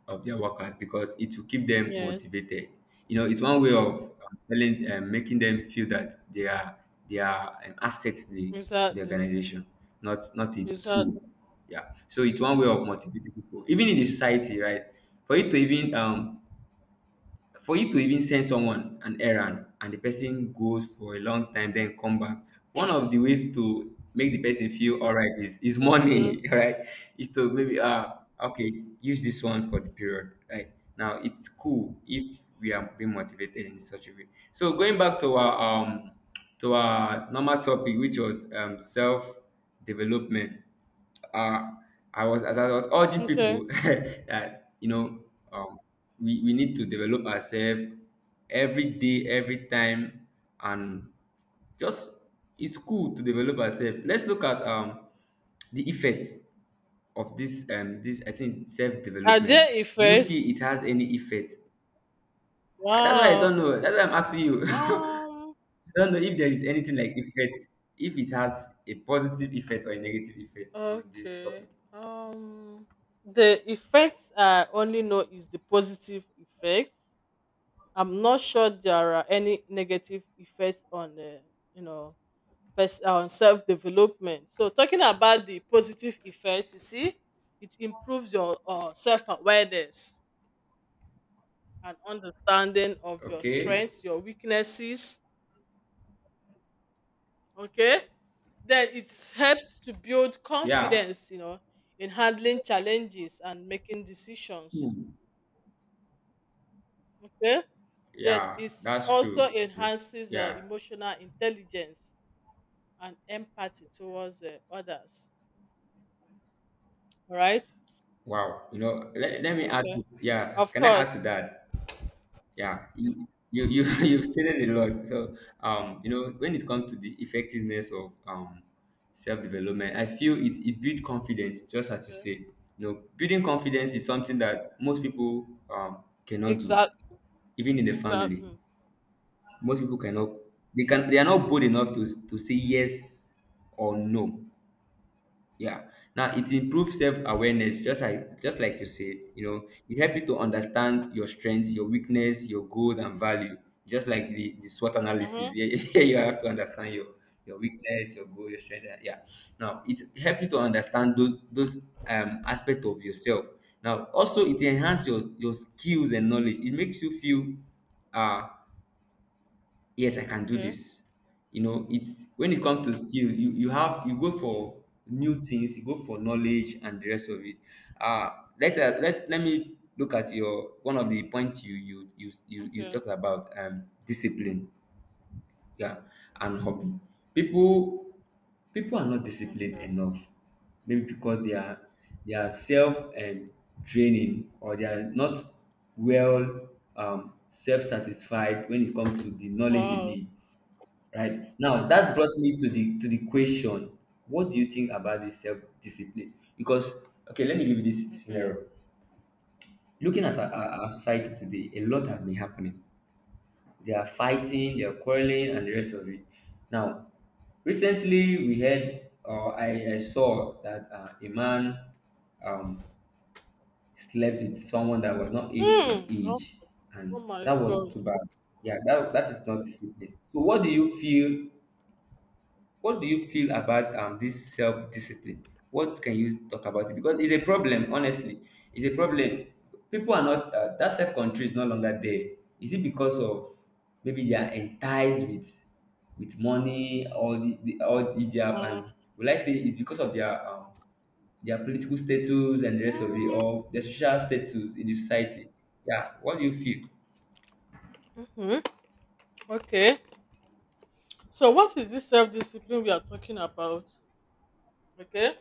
Speaker 2: of their workers, because it will keep them
Speaker 1: Yes.
Speaker 2: motivated. You know, it's one way of telling, making them feel that they are an asset to the
Speaker 1: Exactly.
Speaker 2: organization, not a
Speaker 1: Exactly.
Speaker 2: tool. Yeah, so it's one way of motivating people, even in the society, right? For you to even for you to even send someone an errand and the person goes for a long time, then come back, one of the ways to make the person feel all right is
Speaker 1: Okay.
Speaker 2: money, right? Is to maybe okay, use this one for the period. Right now, it's cool if we are being motivated in such a way. So going back to our normal topic, which was self development. uh, I was, as I was urging
Speaker 1: Okay.
Speaker 2: people, that, you know, um, we need to develop ourselves every day, every time, and just, it's cool to develop ourselves. Let's look at the effects of this, I think, self
Speaker 1: Ajay
Speaker 2: development. Do you
Speaker 1: Ifes.
Speaker 2: feel it has any effect? That's why I don't
Speaker 1: Wow.
Speaker 2: know. That's why I'm asking you.
Speaker 1: Um.
Speaker 2: I don't know if there is anything like effect, if it has a positive effect or a negative effect on this
Speaker 1: Okay.
Speaker 2: topic.
Speaker 1: Um. The effects I only know is the positive effects. I'm not sure there are any negative effects on the, you know, self development. So, talking about the positive effects, you see, it improves your self awareness and understanding of your
Speaker 2: Okay.
Speaker 1: strengths, your weaknesses. Okay. Then it helps to build
Speaker 2: Yeah.
Speaker 1: confidence, you know, in handling challenges and making decisions.
Speaker 2: Hmm.
Speaker 1: Okay. Yes,
Speaker 2: Yeah,
Speaker 1: it
Speaker 2: that's
Speaker 1: also
Speaker 2: true. You know,
Speaker 1: enhances
Speaker 2: yeah.
Speaker 1: emotional intelligence and empathy towards others. All right.
Speaker 2: Wow. You know, let me add
Speaker 1: Okay.
Speaker 2: to, yeah,
Speaker 1: Of
Speaker 2: can I add to
Speaker 1: course.
Speaker 2: that? Yeah. You you've stated a lot. So, you know, when it comes to the effectiveness of self-development, I feel it builds confidence, just as you
Speaker 1: Okay.
Speaker 2: say. You know, building confidence is something that most people cannot do,
Speaker 1: Exact
Speaker 2: even in the family.
Speaker 1: exactly.
Speaker 2: Most people cannot, they are not bold enough to say yes or no. Yeah. Now it improves self-awareness, just like you said, you know, it helps you to understand your strengths, your weakness, your goal and value. Just like the SWOT analysis.
Speaker 1: Mhm.
Speaker 2: Yeah, yeah, you have to understand your weakness, your goal, your strength. Yeah. Now it helps you to understand those aspect of yourself. Now also it enhances your skills and knowledge. It makes you feel uh yes, I can do
Speaker 1: Okay,
Speaker 2: this. You know, it's when it comes to skill, you go for new things, you go for knowledge and the rest of it. uh Let let me look at your one of the points you you
Speaker 1: okay,
Speaker 2: talked about, discipline. Yeah. And hobby, people people are not disciplined
Speaker 1: okay.
Speaker 2: enough, maybe because they are self and training, or they are not well, self-satisfied when it comes to the knowledge they
Speaker 1: Wow,
Speaker 2: need right now. That brought me to the question, what do you think about this self-discipline? Because okay, let me give you this
Speaker 1: okay.
Speaker 2: scenario. Looking at our society today, a lot has been happening. They are fighting, they are quarreling and the rest of it. Now, recently we heard, or I saw that a man um, slept with someone that was not age to the
Speaker 1: Hmm. Oh,
Speaker 2: age,
Speaker 1: oh
Speaker 2: and
Speaker 1: my
Speaker 2: that was
Speaker 1: God.
Speaker 2: too bad. Yeah, that is not discipline. So what do you feel? What do you feel about this self discipline? What can you talk about it? Because it's a problem, honestly. It's a problem. People are not that self control is no longer there. Is it because of maybe they are enticed with money, or their,
Speaker 1: Mm.
Speaker 2: will I say it's because of their political status and the rest of it,
Speaker 1: Mm,
Speaker 2: or their social status in the society? Yeah, what do you feel?
Speaker 1: mhm. Okay. So, what is this self discipline we are talking about? Okay.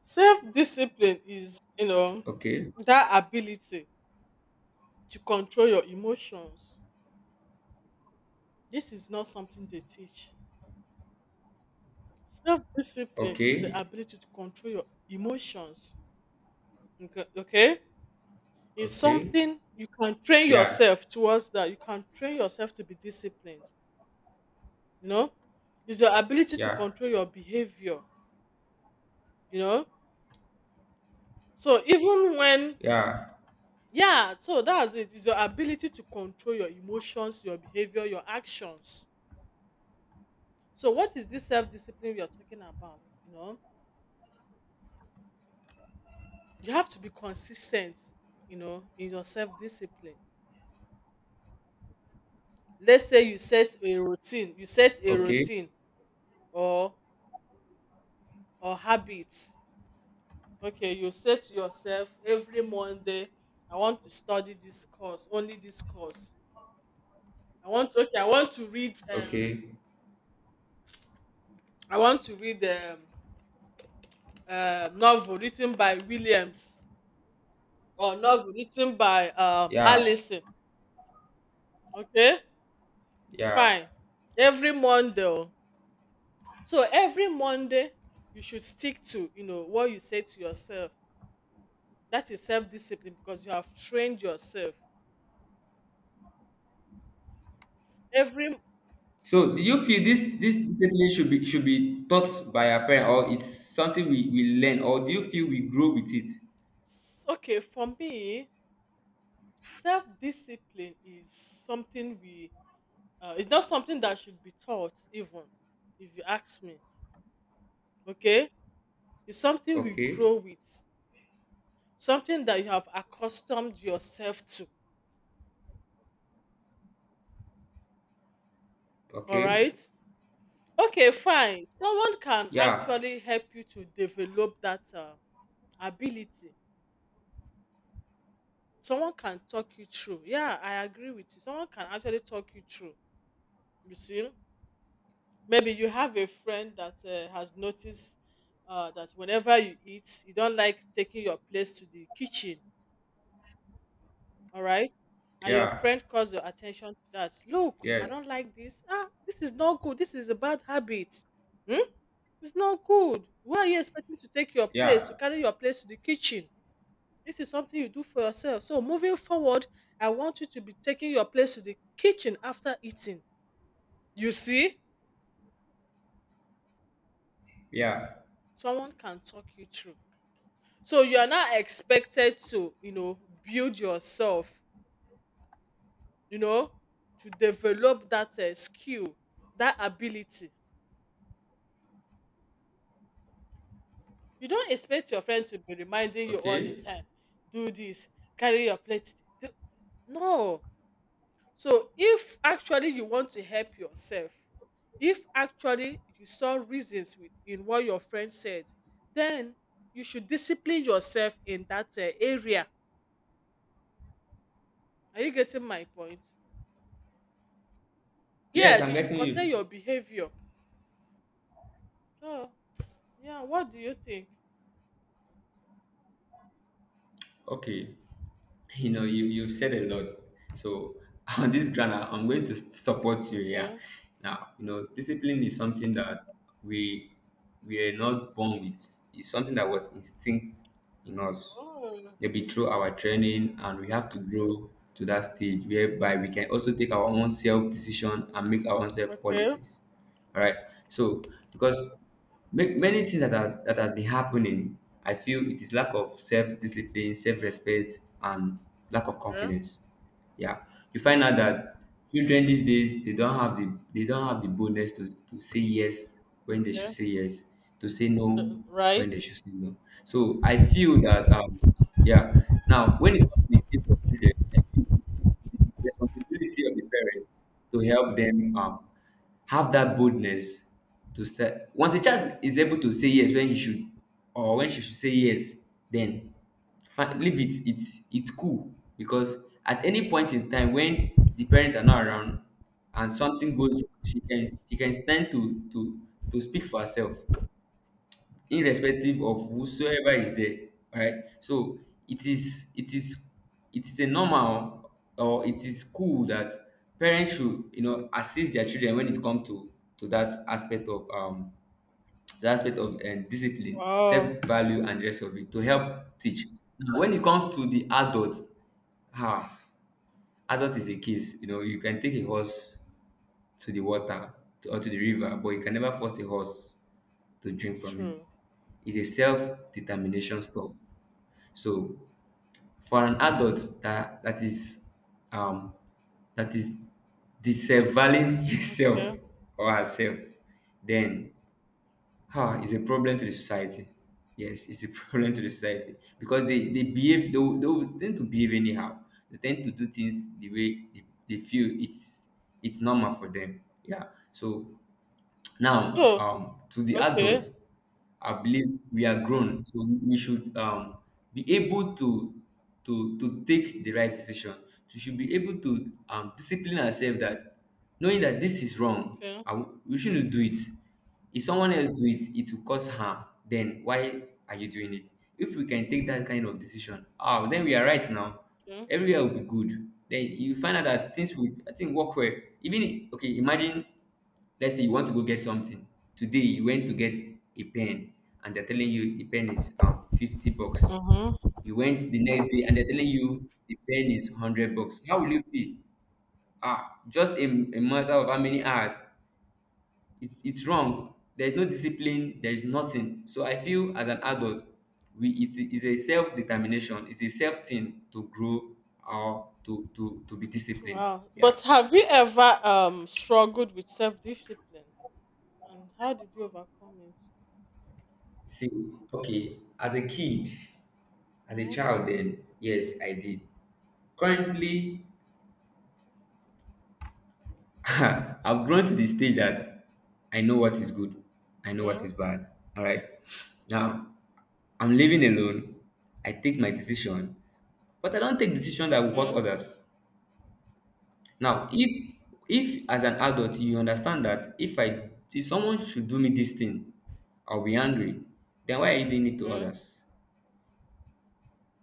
Speaker 1: Self discipline is, you know,
Speaker 2: Okay,
Speaker 1: that ability to control your emotions. This is not something they teach. Self discipline is the
Speaker 2: okay,
Speaker 1: ability to control your emotions. Okay. Okay? It's
Speaker 2: okay.
Speaker 1: something you can train
Speaker 2: Yeah,
Speaker 1: yourself towards that. You can train yourself to be disciplined. You know, it's your ability to
Speaker 2: yeah,
Speaker 1: control your behavior. You know, so even when,
Speaker 2: yeah.
Speaker 1: yeah, so that's it. It's your ability to control your emotions, your behavior, your actions. So what is this self-discipline we are talking about? You know, you have to be consistent, you know, in your self-discipline. Let's say you set a routine. You set a
Speaker 2: Okay.
Speaker 1: routine or or habits Okay, you say to yourself, every Monday I want to study this course, only this course. I want, okay, I want to read
Speaker 2: Okay.
Speaker 1: i want to read um novel written by Williams or novel written by
Speaker 2: Yeah.
Speaker 1: Allison. Okay,
Speaker 2: Yeah.
Speaker 1: fine. Every Monday, oh. So every Monday you should stick to, you know, what you say to yourself. That is self-discipline, because you have trained yourself every.
Speaker 2: So do you feel this discipline should be taught by our parent, or it's something we learn, or do you feel we grow with it?
Speaker 1: Okay, for me, self-discipline is something we, it's not something that should be taught. Even if you ask me, okay, it's something we
Speaker 2: Okay.
Speaker 1: grow with, something that you have accustomed yourself to. All
Speaker 2: Okay.
Speaker 1: right. Okay, fine, someone can
Speaker 2: Yeah.
Speaker 1: actually help you to develop that ability. Someone can talk you through, yeah, I agree with you. Someone can actually talk you through. You see, maybe you have a friend that has noticed that whenever you eat, you don't like taking your place to the kitchen, all right? And your
Speaker 2: Yeah.
Speaker 1: friend calls your attention to that. Look, I
Speaker 2: Yes.
Speaker 1: don't like this. Ah, this is not good. This is a bad habit. Hmm? It's not good. Why are you expecting to take your place, to
Speaker 2: Yeah.
Speaker 1: carry your place to the kitchen? This is something you do for yourself. So, moving forward, I want you to be taking your place to the kitchen after eating. You see,
Speaker 2: Yeah.
Speaker 1: someone can talk you through. So you are now expected to, you know, build yourself, you know, to develop that skill, that ability. You don't expect your friend to be reminding you all the
Speaker 2: Okay.
Speaker 1: time, do this, carry your plate. Do-" No. So if actually you want to help yourself, if actually you saw reasons with, in what your friend said, then you should discipline yourself in that area. Are you getting my point?
Speaker 2: Yes,
Speaker 1: Yes,
Speaker 2: I'm
Speaker 1: you should
Speaker 2: getting
Speaker 1: curtail
Speaker 2: you.
Speaker 1: your behavior. So, yeah, what do you think?
Speaker 2: Okay. You know, you've said a lot, so on this ground, I'm going to support you, yeah.
Speaker 1: Okay.
Speaker 2: Now, you know, discipline is something that we we are not born with, it's something that was instinct in us
Speaker 1: Oh,
Speaker 2: maybe through our training, and we have to grow to that stage whereby we can also take our own self decision and make our own self
Speaker 1: okay.
Speaker 2: policies, all right? So, because many things that are that have been happening, I feel it is lack of self-discipline,
Speaker 1: Okay.
Speaker 2: self-respect and lack of
Speaker 1: Okay.
Speaker 2: confidence. Yeah, you find out that children these days, they don't have the, they don't have the boldness to say yes when they should
Speaker 1: Okay.
Speaker 2: say yes, to say
Speaker 1: So,
Speaker 2: no when
Speaker 1: right?
Speaker 2: they should say no. So I feel that yeah, now when it comes to the case of children, I feel responsibility of the parents to help them, have that boldness to say, once a child is able to say yes when he should, or when she should say yes, then leave it, it's cool. Because at any point in time when the parents are not around and something goes wrong, she can stand to to speak for herself, irrespective of whosoever is there, right? So it is, it is it is a normal, or it is cool that parents should, you know, assist their children when it comes to that aspect of the aspect of discipline,
Speaker 1: Wow.
Speaker 2: self-value and the rest of it, to help teach. Now when it comes to the adult, ah, adult is a case, you know, you can take a horse to the water, or to the river, but you can never force a horse to drink from it.
Speaker 1: True.
Speaker 2: It's a self-determination stuff. So for an adult that is um that is disavowing himself
Speaker 1: Yeah.
Speaker 2: or herself, then ah, it's a problem to the society. Yes, it's a problem to the society because they they will tend to behave anyhow. They tend to do things the way they feel it's normal for them. Yeah. So now
Speaker 1: Oh.
Speaker 2: to the
Speaker 1: Okay.
Speaker 2: adult I believe we are grown, so we should be able to to take the right decision. We should be able to discipline ourselves, that knowing that this is wrong
Speaker 1: Okay.
Speaker 2: and we shouldn't do it. If someone else do it, it will cause harm, then why are you doing it? If we can take that kind of decision, then we are right. Now
Speaker 1: Okay.
Speaker 2: everywhere will be good, then you find out that things will, I think, work well. Even okay, imagine. Let's say you want to go get something. Today you went to get a pen and they're telling you the pen is 50 bucks.
Speaker 1: Mm-hmm.
Speaker 2: You went the next day and they're telling you the pen is 100 bucks. How will you feel? Ah, just a matter of how many hours. It's wrong. There's no discipline. There's nothing. So I feel as an adult, it's a self-determination. It's a self-thing to grow or to be disciplined.
Speaker 1: Wow.
Speaker 2: Yeah.
Speaker 1: But have you ever struggled with self-discipline? And how did you overcome it?
Speaker 2: See, okay, as a kid, as a child then, yes, I did. Currently, I've grown to the stage that I know what is good, I know what
Speaker 1: Mhm.
Speaker 2: is bad. All right. Now, I'm living alone. I take my decision, but I don't take decision that will hurt
Speaker 1: Okay. Okay.
Speaker 2: others. Now, if as an adult you understand that if someone should do me this thing, I'll be angry. Then why are you doing it to
Speaker 1: Okay.
Speaker 2: others?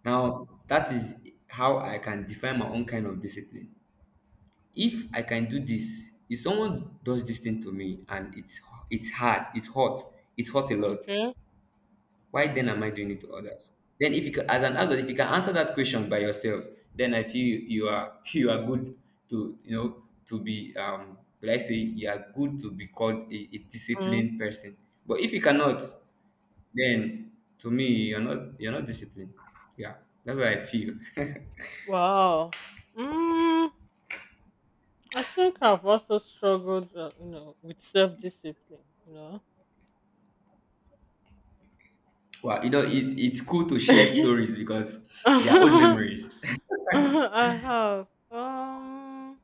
Speaker 2: Now, that is how I can define my own kind of discipline. If I can do this, if someone does this thing to me and it's hard it's hot, it's hot a lot,
Speaker 1: Okay.
Speaker 2: why then am I doing it to others? Then if you can, as an adult, if you can answer that question by yourself, then I feel you are you are good to, you know, to be like I say, you are good to be called a
Speaker 1: Mm.
Speaker 2: disciplined person. But if you cannot, then to me you're not disciplined. Yeah, that's what I feel.
Speaker 1: Wow. Mm, I think I've also struggled, you know, with self-discipline, you know.
Speaker 2: Well, you know, it's cool to share stories because they are old
Speaker 1: I
Speaker 2: memories.
Speaker 1: have.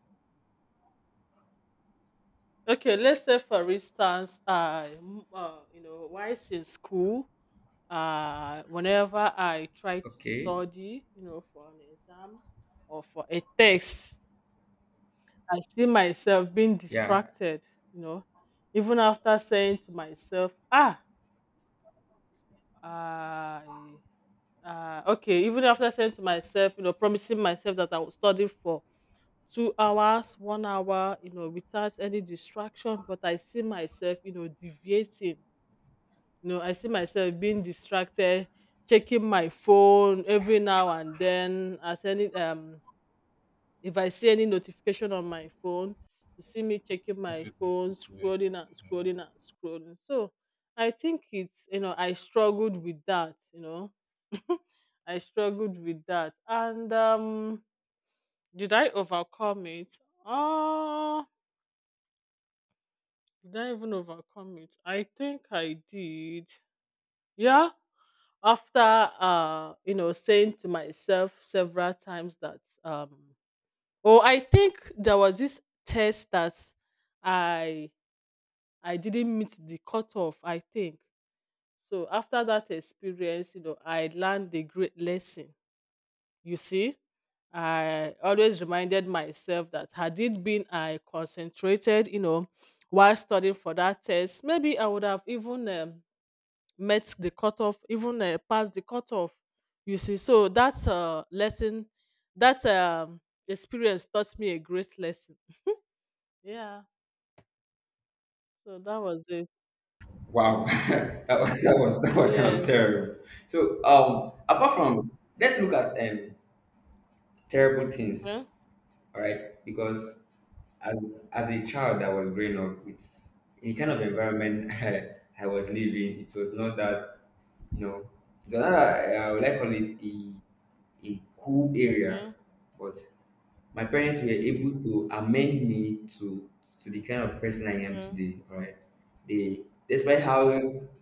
Speaker 1: Okay, let's say for instance, you know, whilst in school, whenever I try to
Speaker 2: Okay.
Speaker 1: study, you know, for an exam or for a test, I see myself being
Speaker 2: Yeah.
Speaker 1: distracted, you know, even after saying to myself, I, okay, even after saying to myself, you know, promising myself that I will study for 2 hours, 1 hour, you know, without any distraction. But I see myself, you know, deviating, you know. I see myself being distracted, checking my phone every now and then. At any if I see any notification on my phone, you see me checking my phone, scrolling and scrolling and scrolling. So I think it's, you know, I struggled with that, you know. I struggled with that. And did I overcome it? Oh, did I even overcome it? I think I did. Yeah. After you know, saying to myself several times that oh, I think there was this test that I I didn't meet the cutoff, I think. So after that experience, you know, I learned a great lesson. You see? I always reminded myself that had it been I concentrated, you know, while studying for that test, maybe I would have even met the cutoff, even past the cutoff. You see, so that lesson, that experience taught me a great lesson. Yeah. So that was it.
Speaker 2: Wow. That was that was kind
Speaker 1: Yeah.
Speaker 2: of terrible. So apart from, let's look at terrible things,
Speaker 1: Okay.
Speaker 2: all right? Because as a child that was growing up with in the kind of environment, I was living, it was not that, you know, it was not that, I would like call it a cool area,
Speaker 1: Okay.
Speaker 2: but my parents were able to amend me to the kind of person I am
Speaker 1: Okay.
Speaker 2: today. All right, they, despite how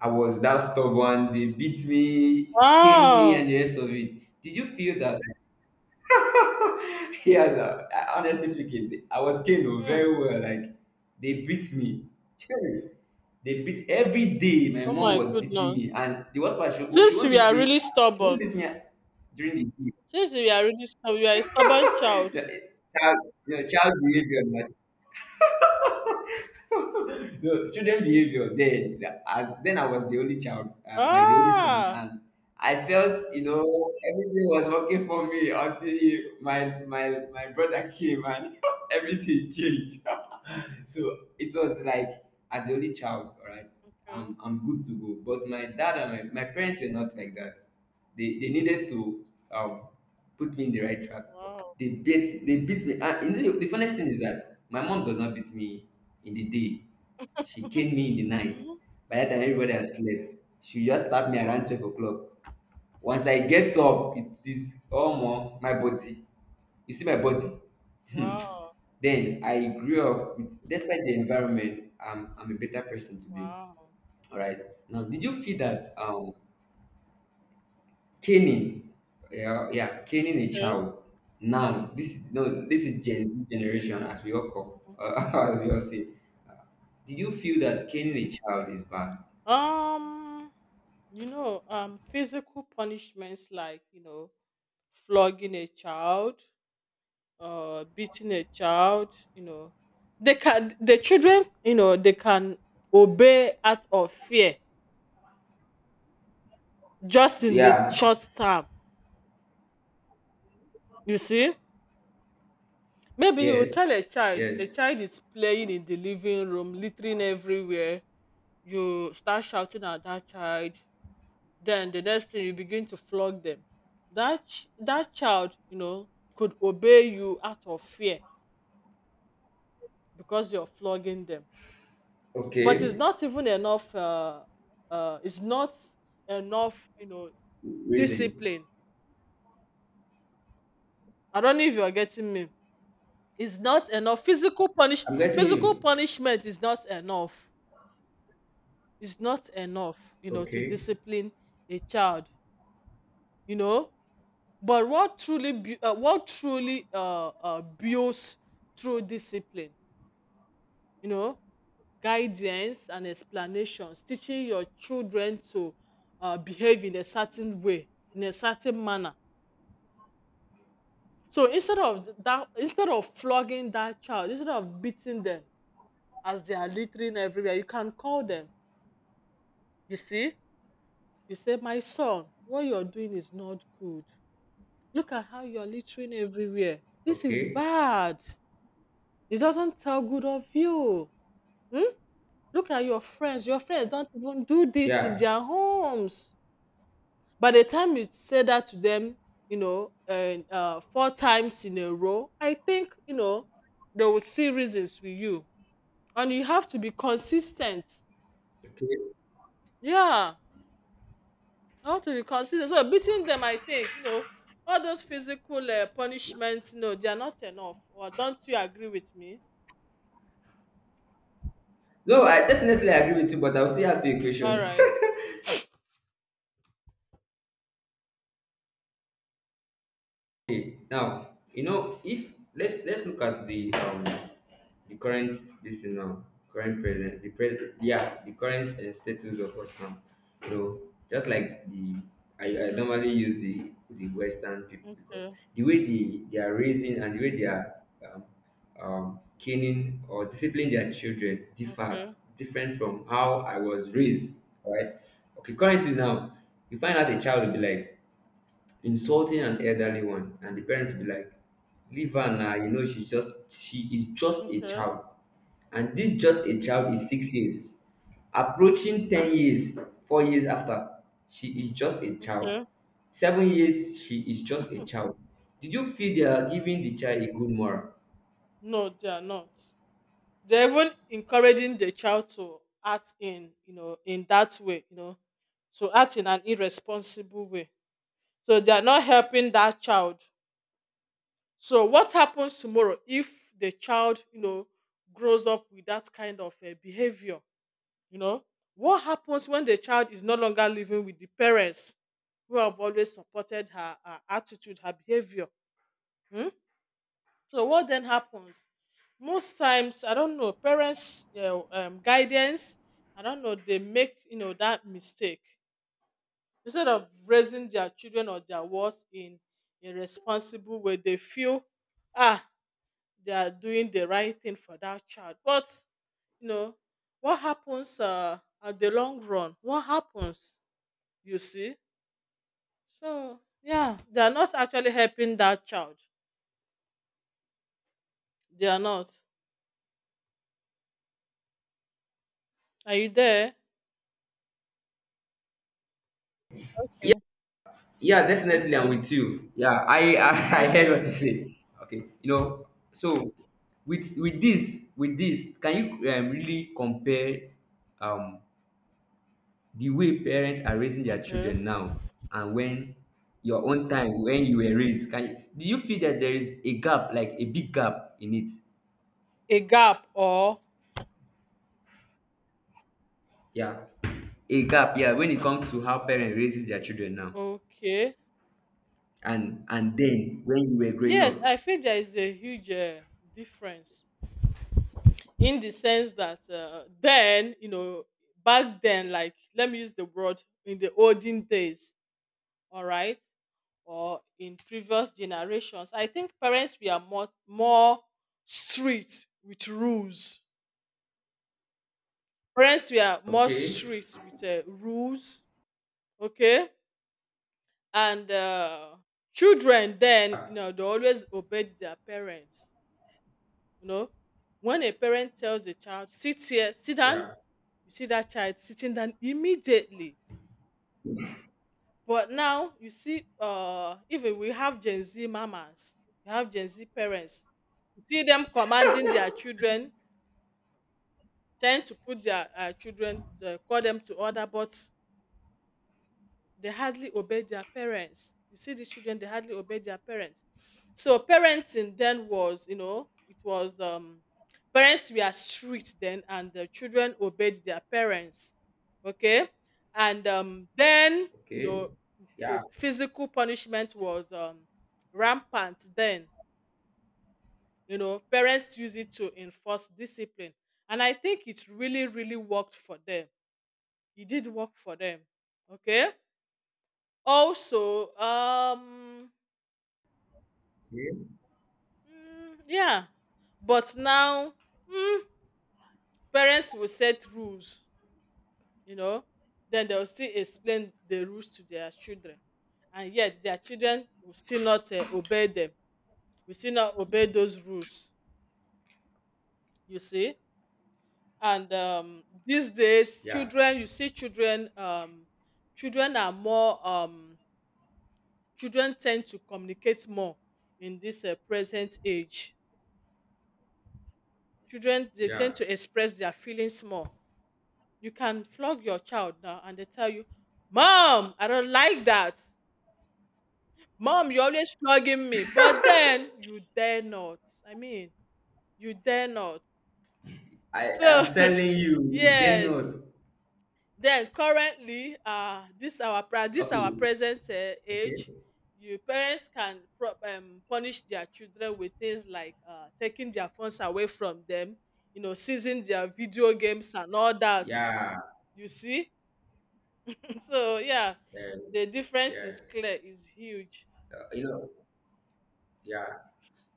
Speaker 2: I was that stubborn, they beat me, caned me, and
Speaker 1: Wow.
Speaker 2: the rest of it. Did you feel that? Yes, honestly speaking, I was caned, oh, very
Speaker 1: Hmm.
Speaker 2: well. Like they beat me. Chey, they beat every day. My
Speaker 1: Oh
Speaker 2: mom
Speaker 1: my
Speaker 2: was beating
Speaker 1: goodness.
Speaker 2: me, and the worst part, she
Speaker 1: Since
Speaker 2: won't
Speaker 1: we
Speaker 2: beat
Speaker 1: are
Speaker 2: me.
Speaker 1: really
Speaker 2: She won't
Speaker 1: stubborn,
Speaker 2: beat me during the day.
Speaker 1: since we are really stubborn, you are a stubborn child.
Speaker 2: Yeah, child, you know, child behavior. Like, no children behavior then, as then I was the only child, like the only son.
Speaker 1: Ah.
Speaker 2: And I felt, you know, everything was working for me until my my brother came, and everything changed. So it was like, as the only child, all right,
Speaker 1: Okay.
Speaker 2: I'm good to go. But my dad and my parents were not like that. They needed to um put me in the right track.
Speaker 1: Wow.
Speaker 2: They beat me. And, you know, the funniest thing is that my mom does not beat me in the day. She came me in the night.
Speaker 1: Mhm.
Speaker 2: By that time everybody has slept. She just tapped me around 12 o'clock. Once I get up, it is omo my body. You see my body? Hmm.
Speaker 1: Wow.
Speaker 2: Then I grew up with, despite the environment, I'm a better person today.
Speaker 1: Wow.
Speaker 2: All right. Now, did you feel that caning, yeah, yeah, caning a
Speaker 1: Okay.
Speaker 2: child? Now, this no, this is Gen Z generation, as we all call, as we all say. Uh, Do you feel that caning a child is bad?
Speaker 1: Um. Physical punishments like, flogging a child, beating a child, the children, they can obey out of fear just in the
Speaker 2: Yeah.
Speaker 1: short term. You see, maybe you will
Speaker 2: Yes.
Speaker 1: tell a
Speaker 2: Yes.
Speaker 1: child is playing in the living room, littering everywhere. You start shouting at that child. Then the next thing you begin to flog them, that child, could obey you out of fear because you're flogging them, but it's
Speaker 2: Okay.
Speaker 1: not even enough. It's not enough, you know,
Speaker 2: Reason.
Speaker 1: discipline. I don't know if you're getting me. It's not enough.
Speaker 2: I'm getting
Speaker 1: Physical
Speaker 2: you.
Speaker 1: punishment is not enough. It's not enough, to
Speaker 2: Okay,
Speaker 1: discipline a child, you know. But what truly builds true discipline? You know, Guidance and explanations, teaching your children to behave in a certain way, in a certain manner. So instead of that, instead of flogging that child, instead of beating them as they are littering everywhere, you can call them. You see, you say, "My son, what you're doing is not good. Look at how you're littering everywhere. This is
Speaker 2: okay.
Speaker 1: bad." It doesn't sound good of you. Hmm? Look at your friends. Your friends don't even do this in
Speaker 2: Yeah.
Speaker 1: their homes. By the time you say that to them, you know, and four times in a row, I think they would see reasons with you, and you have to be consistent.
Speaker 2: Okay.
Speaker 1: Yeah, I have to be consistent. So beating them, I think all those physical punishments. No, they are not enough. Or don't you agree with me?
Speaker 2: No, I definitely agree with you, but I'll still ask you a
Speaker 1: All
Speaker 2: question.
Speaker 1: right.
Speaker 2: Okay, now, you know, if let's look at the current, this thing now current present the present, yeah, the current, status of us now, you know, just like the, I normally use the Western people, because
Speaker 1: Okay.
Speaker 2: the way they are raising, and the way they are caning or disciplining their children
Speaker 1: Okay.
Speaker 2: differs different from how I was raised, right? Okay, currently now you find out a child will be like insulting an
Speaker 1: Okay.
Speaker 2: elderly one, and the parent will be like, leave her now, you know, she is just a
Speaker 1: Okay.
Speaker 2: child. And this just a child is 6 years, approaching 10 years, 4 years after, she is just a child,
Speaker 1: Okay.
Speaker 2: 7 years, she is just a child. Did you feel they are giving the child a good moral?
Speaker 1: No, they are not. They're even encouraging the child to act in, in that way, to act in an irresponsible way. So they are not helping that child. So what happens tomorrow if the child, grows up with that kind of behavior? You know, what happens when the child is no longer living with the parents who have always supported her, her attitude, her behavior? Hmm? So what then happens? Most times, I don't know, parents, their guidance, I don't know, they make that mistake instead of raising their children or their words in a responsible way. They feel, ah, they are doing the right thing for that child, but you know what happens at the long run? What happens? You see, so yeah, they are not actually helping that child. They are not. Are you there? Okay.
Speaker 2: Yeah, definitely, I'm
Speaker 1: Okay.
Speaker 2: with you. Yeah, I I heard
Speaker 1: Okay.
Speaker 2: what you say. Okay, you know, so with this, can you, really compare um the way parents are raising their
Speaker 1: Mm.
Speaker 2: children now and when your own time, when you were raised, can you, do you feel that there is a gap, like a big gap in it?
Speaker 1: A gap? Or
Speaker 2: Yeah, a gap, yeah, when it comes to how parents raises their children now
Speaker 1: okay,
Speaker 2: and then when you were growing
Speaker 1: yes,
Speaker 2: up?
Speaker 1: I feel there is a huge difference, in the sense that then, back then, like, let me use the word, in the olden days, all right, or in previous generations, I think parents were more strict with rules. Parents were more
Speaker 2: Okay.
Speaker 1: strict with rules. Okay. And children then, they always obeyed their parents, you know. When a parent tells a child, sit here, sit down,
Speaker 2: Yeah.
Speaker 1: you see that child sitting down immediately. But now you see, even we have Gen Z mamas, we have Gen Z parents. You see them commanding their children, trying to put their children, call them to order, but they hardly obey their parents. You see these children, they hardly obey their parents. So parenting then was, it was, parents were strict then, and the children obeyed their parents. Okay. And then, you know,
Speaker 2: Okay.
Speaker 1: the
Speaker 2: Yeah.
Speaker 1: physical punishment was rampant then. You know, parents use it to enforce discipline. And I think it really, really worked for them. It did work for them. Okay. also um
Speaker 2: Okay.
Speaker 1: Mm, yeah. But now, mm, parents will set rules, you know, then they'll still explain the rules to their children. And yet, their children will still not obey them, will still not obey those rules, you see. And these days,
Speaker 2: Yeah.
Speaker 1: children, you see, children are more, um, children tend to communicate more in this present age. Children, they
Speaker 2: Yeah,
Speaker 1: tend to express their feelings more. You can flog your child now and they tell you, Mom, I don't like that. Mom, you're always flogging me. But then you dare not. I mean, you dare not.
Speaker 2: I
Speaker 1: So
Speaker 2: am telling you, they're not.
Speaker 1: yes. Then currently, this our
Speaker 2: Okay.
Speaker 1: present
Speaker 2: Okay.
Speaker 1: age, you parents can punish their children with things like taking their phones away from them, seizing their video games and all that.
Speaker 2: Yeah.
Speaker 1: You see, so yeah,
Speaker 2: Yes.
Speaker 1: the difference is
Speaker 2: Yes.
Speaker 1: clear, is huge,
Speaker 2: You know. Yeah.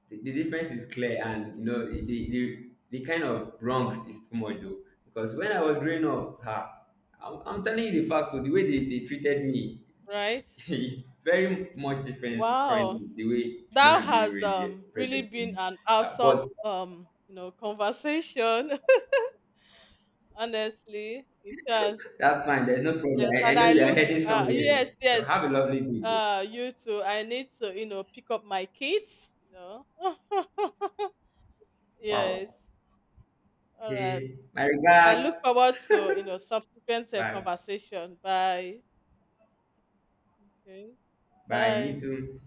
Speaker 2: The difference is clear, and you know the kind of wrongs is too much though, because when I was growing up, ha, I'm telling you the fact though, the way they treated me
Speaker 1: right?
Speaker 2: is very much different currently
Speaker 1: Wow,
Speaker 2: the way children
Speaker 1: that
Speaker 2: are being
Speaker 1: has
Speaker 2: raised here,
Speaker 1: really
Speaker 2: presently.
Speaker 1: been an
Speaker 2: Yeah,
Speaker 1: awesome
Speaker 2: but
Speaker 1: conversation. Honestly, it has.
Speaker 2: that's fine, there's no problem.
Speaker 1: Yes,
Speaker 2: I
Speaker 1: and
Speaker 2: know
Speaker 1: I
Speaker 2: you are
Speaker 1: look.
Speaker 2: heading somewhere.
Speaker 1: Yes,
Speaker 2: You
Speaker 1: yes.
Speaker 2: have a lovely day though.
Speaker 1: You too. I need to pick up my kids. You know.
Speaker 2: Wow.
Speaker 1: Yes. All right.
Speaker 2: Okay, my
Speaker 1: I
Speaker 2: regards.
Speaker 1: look forward to subsequent
Speaker 2: Bye.
Speaker 1: conversation. Bye. Okay.
Speaker 2: Bye me
Speaker 1: Bye.
Speaker 2: too.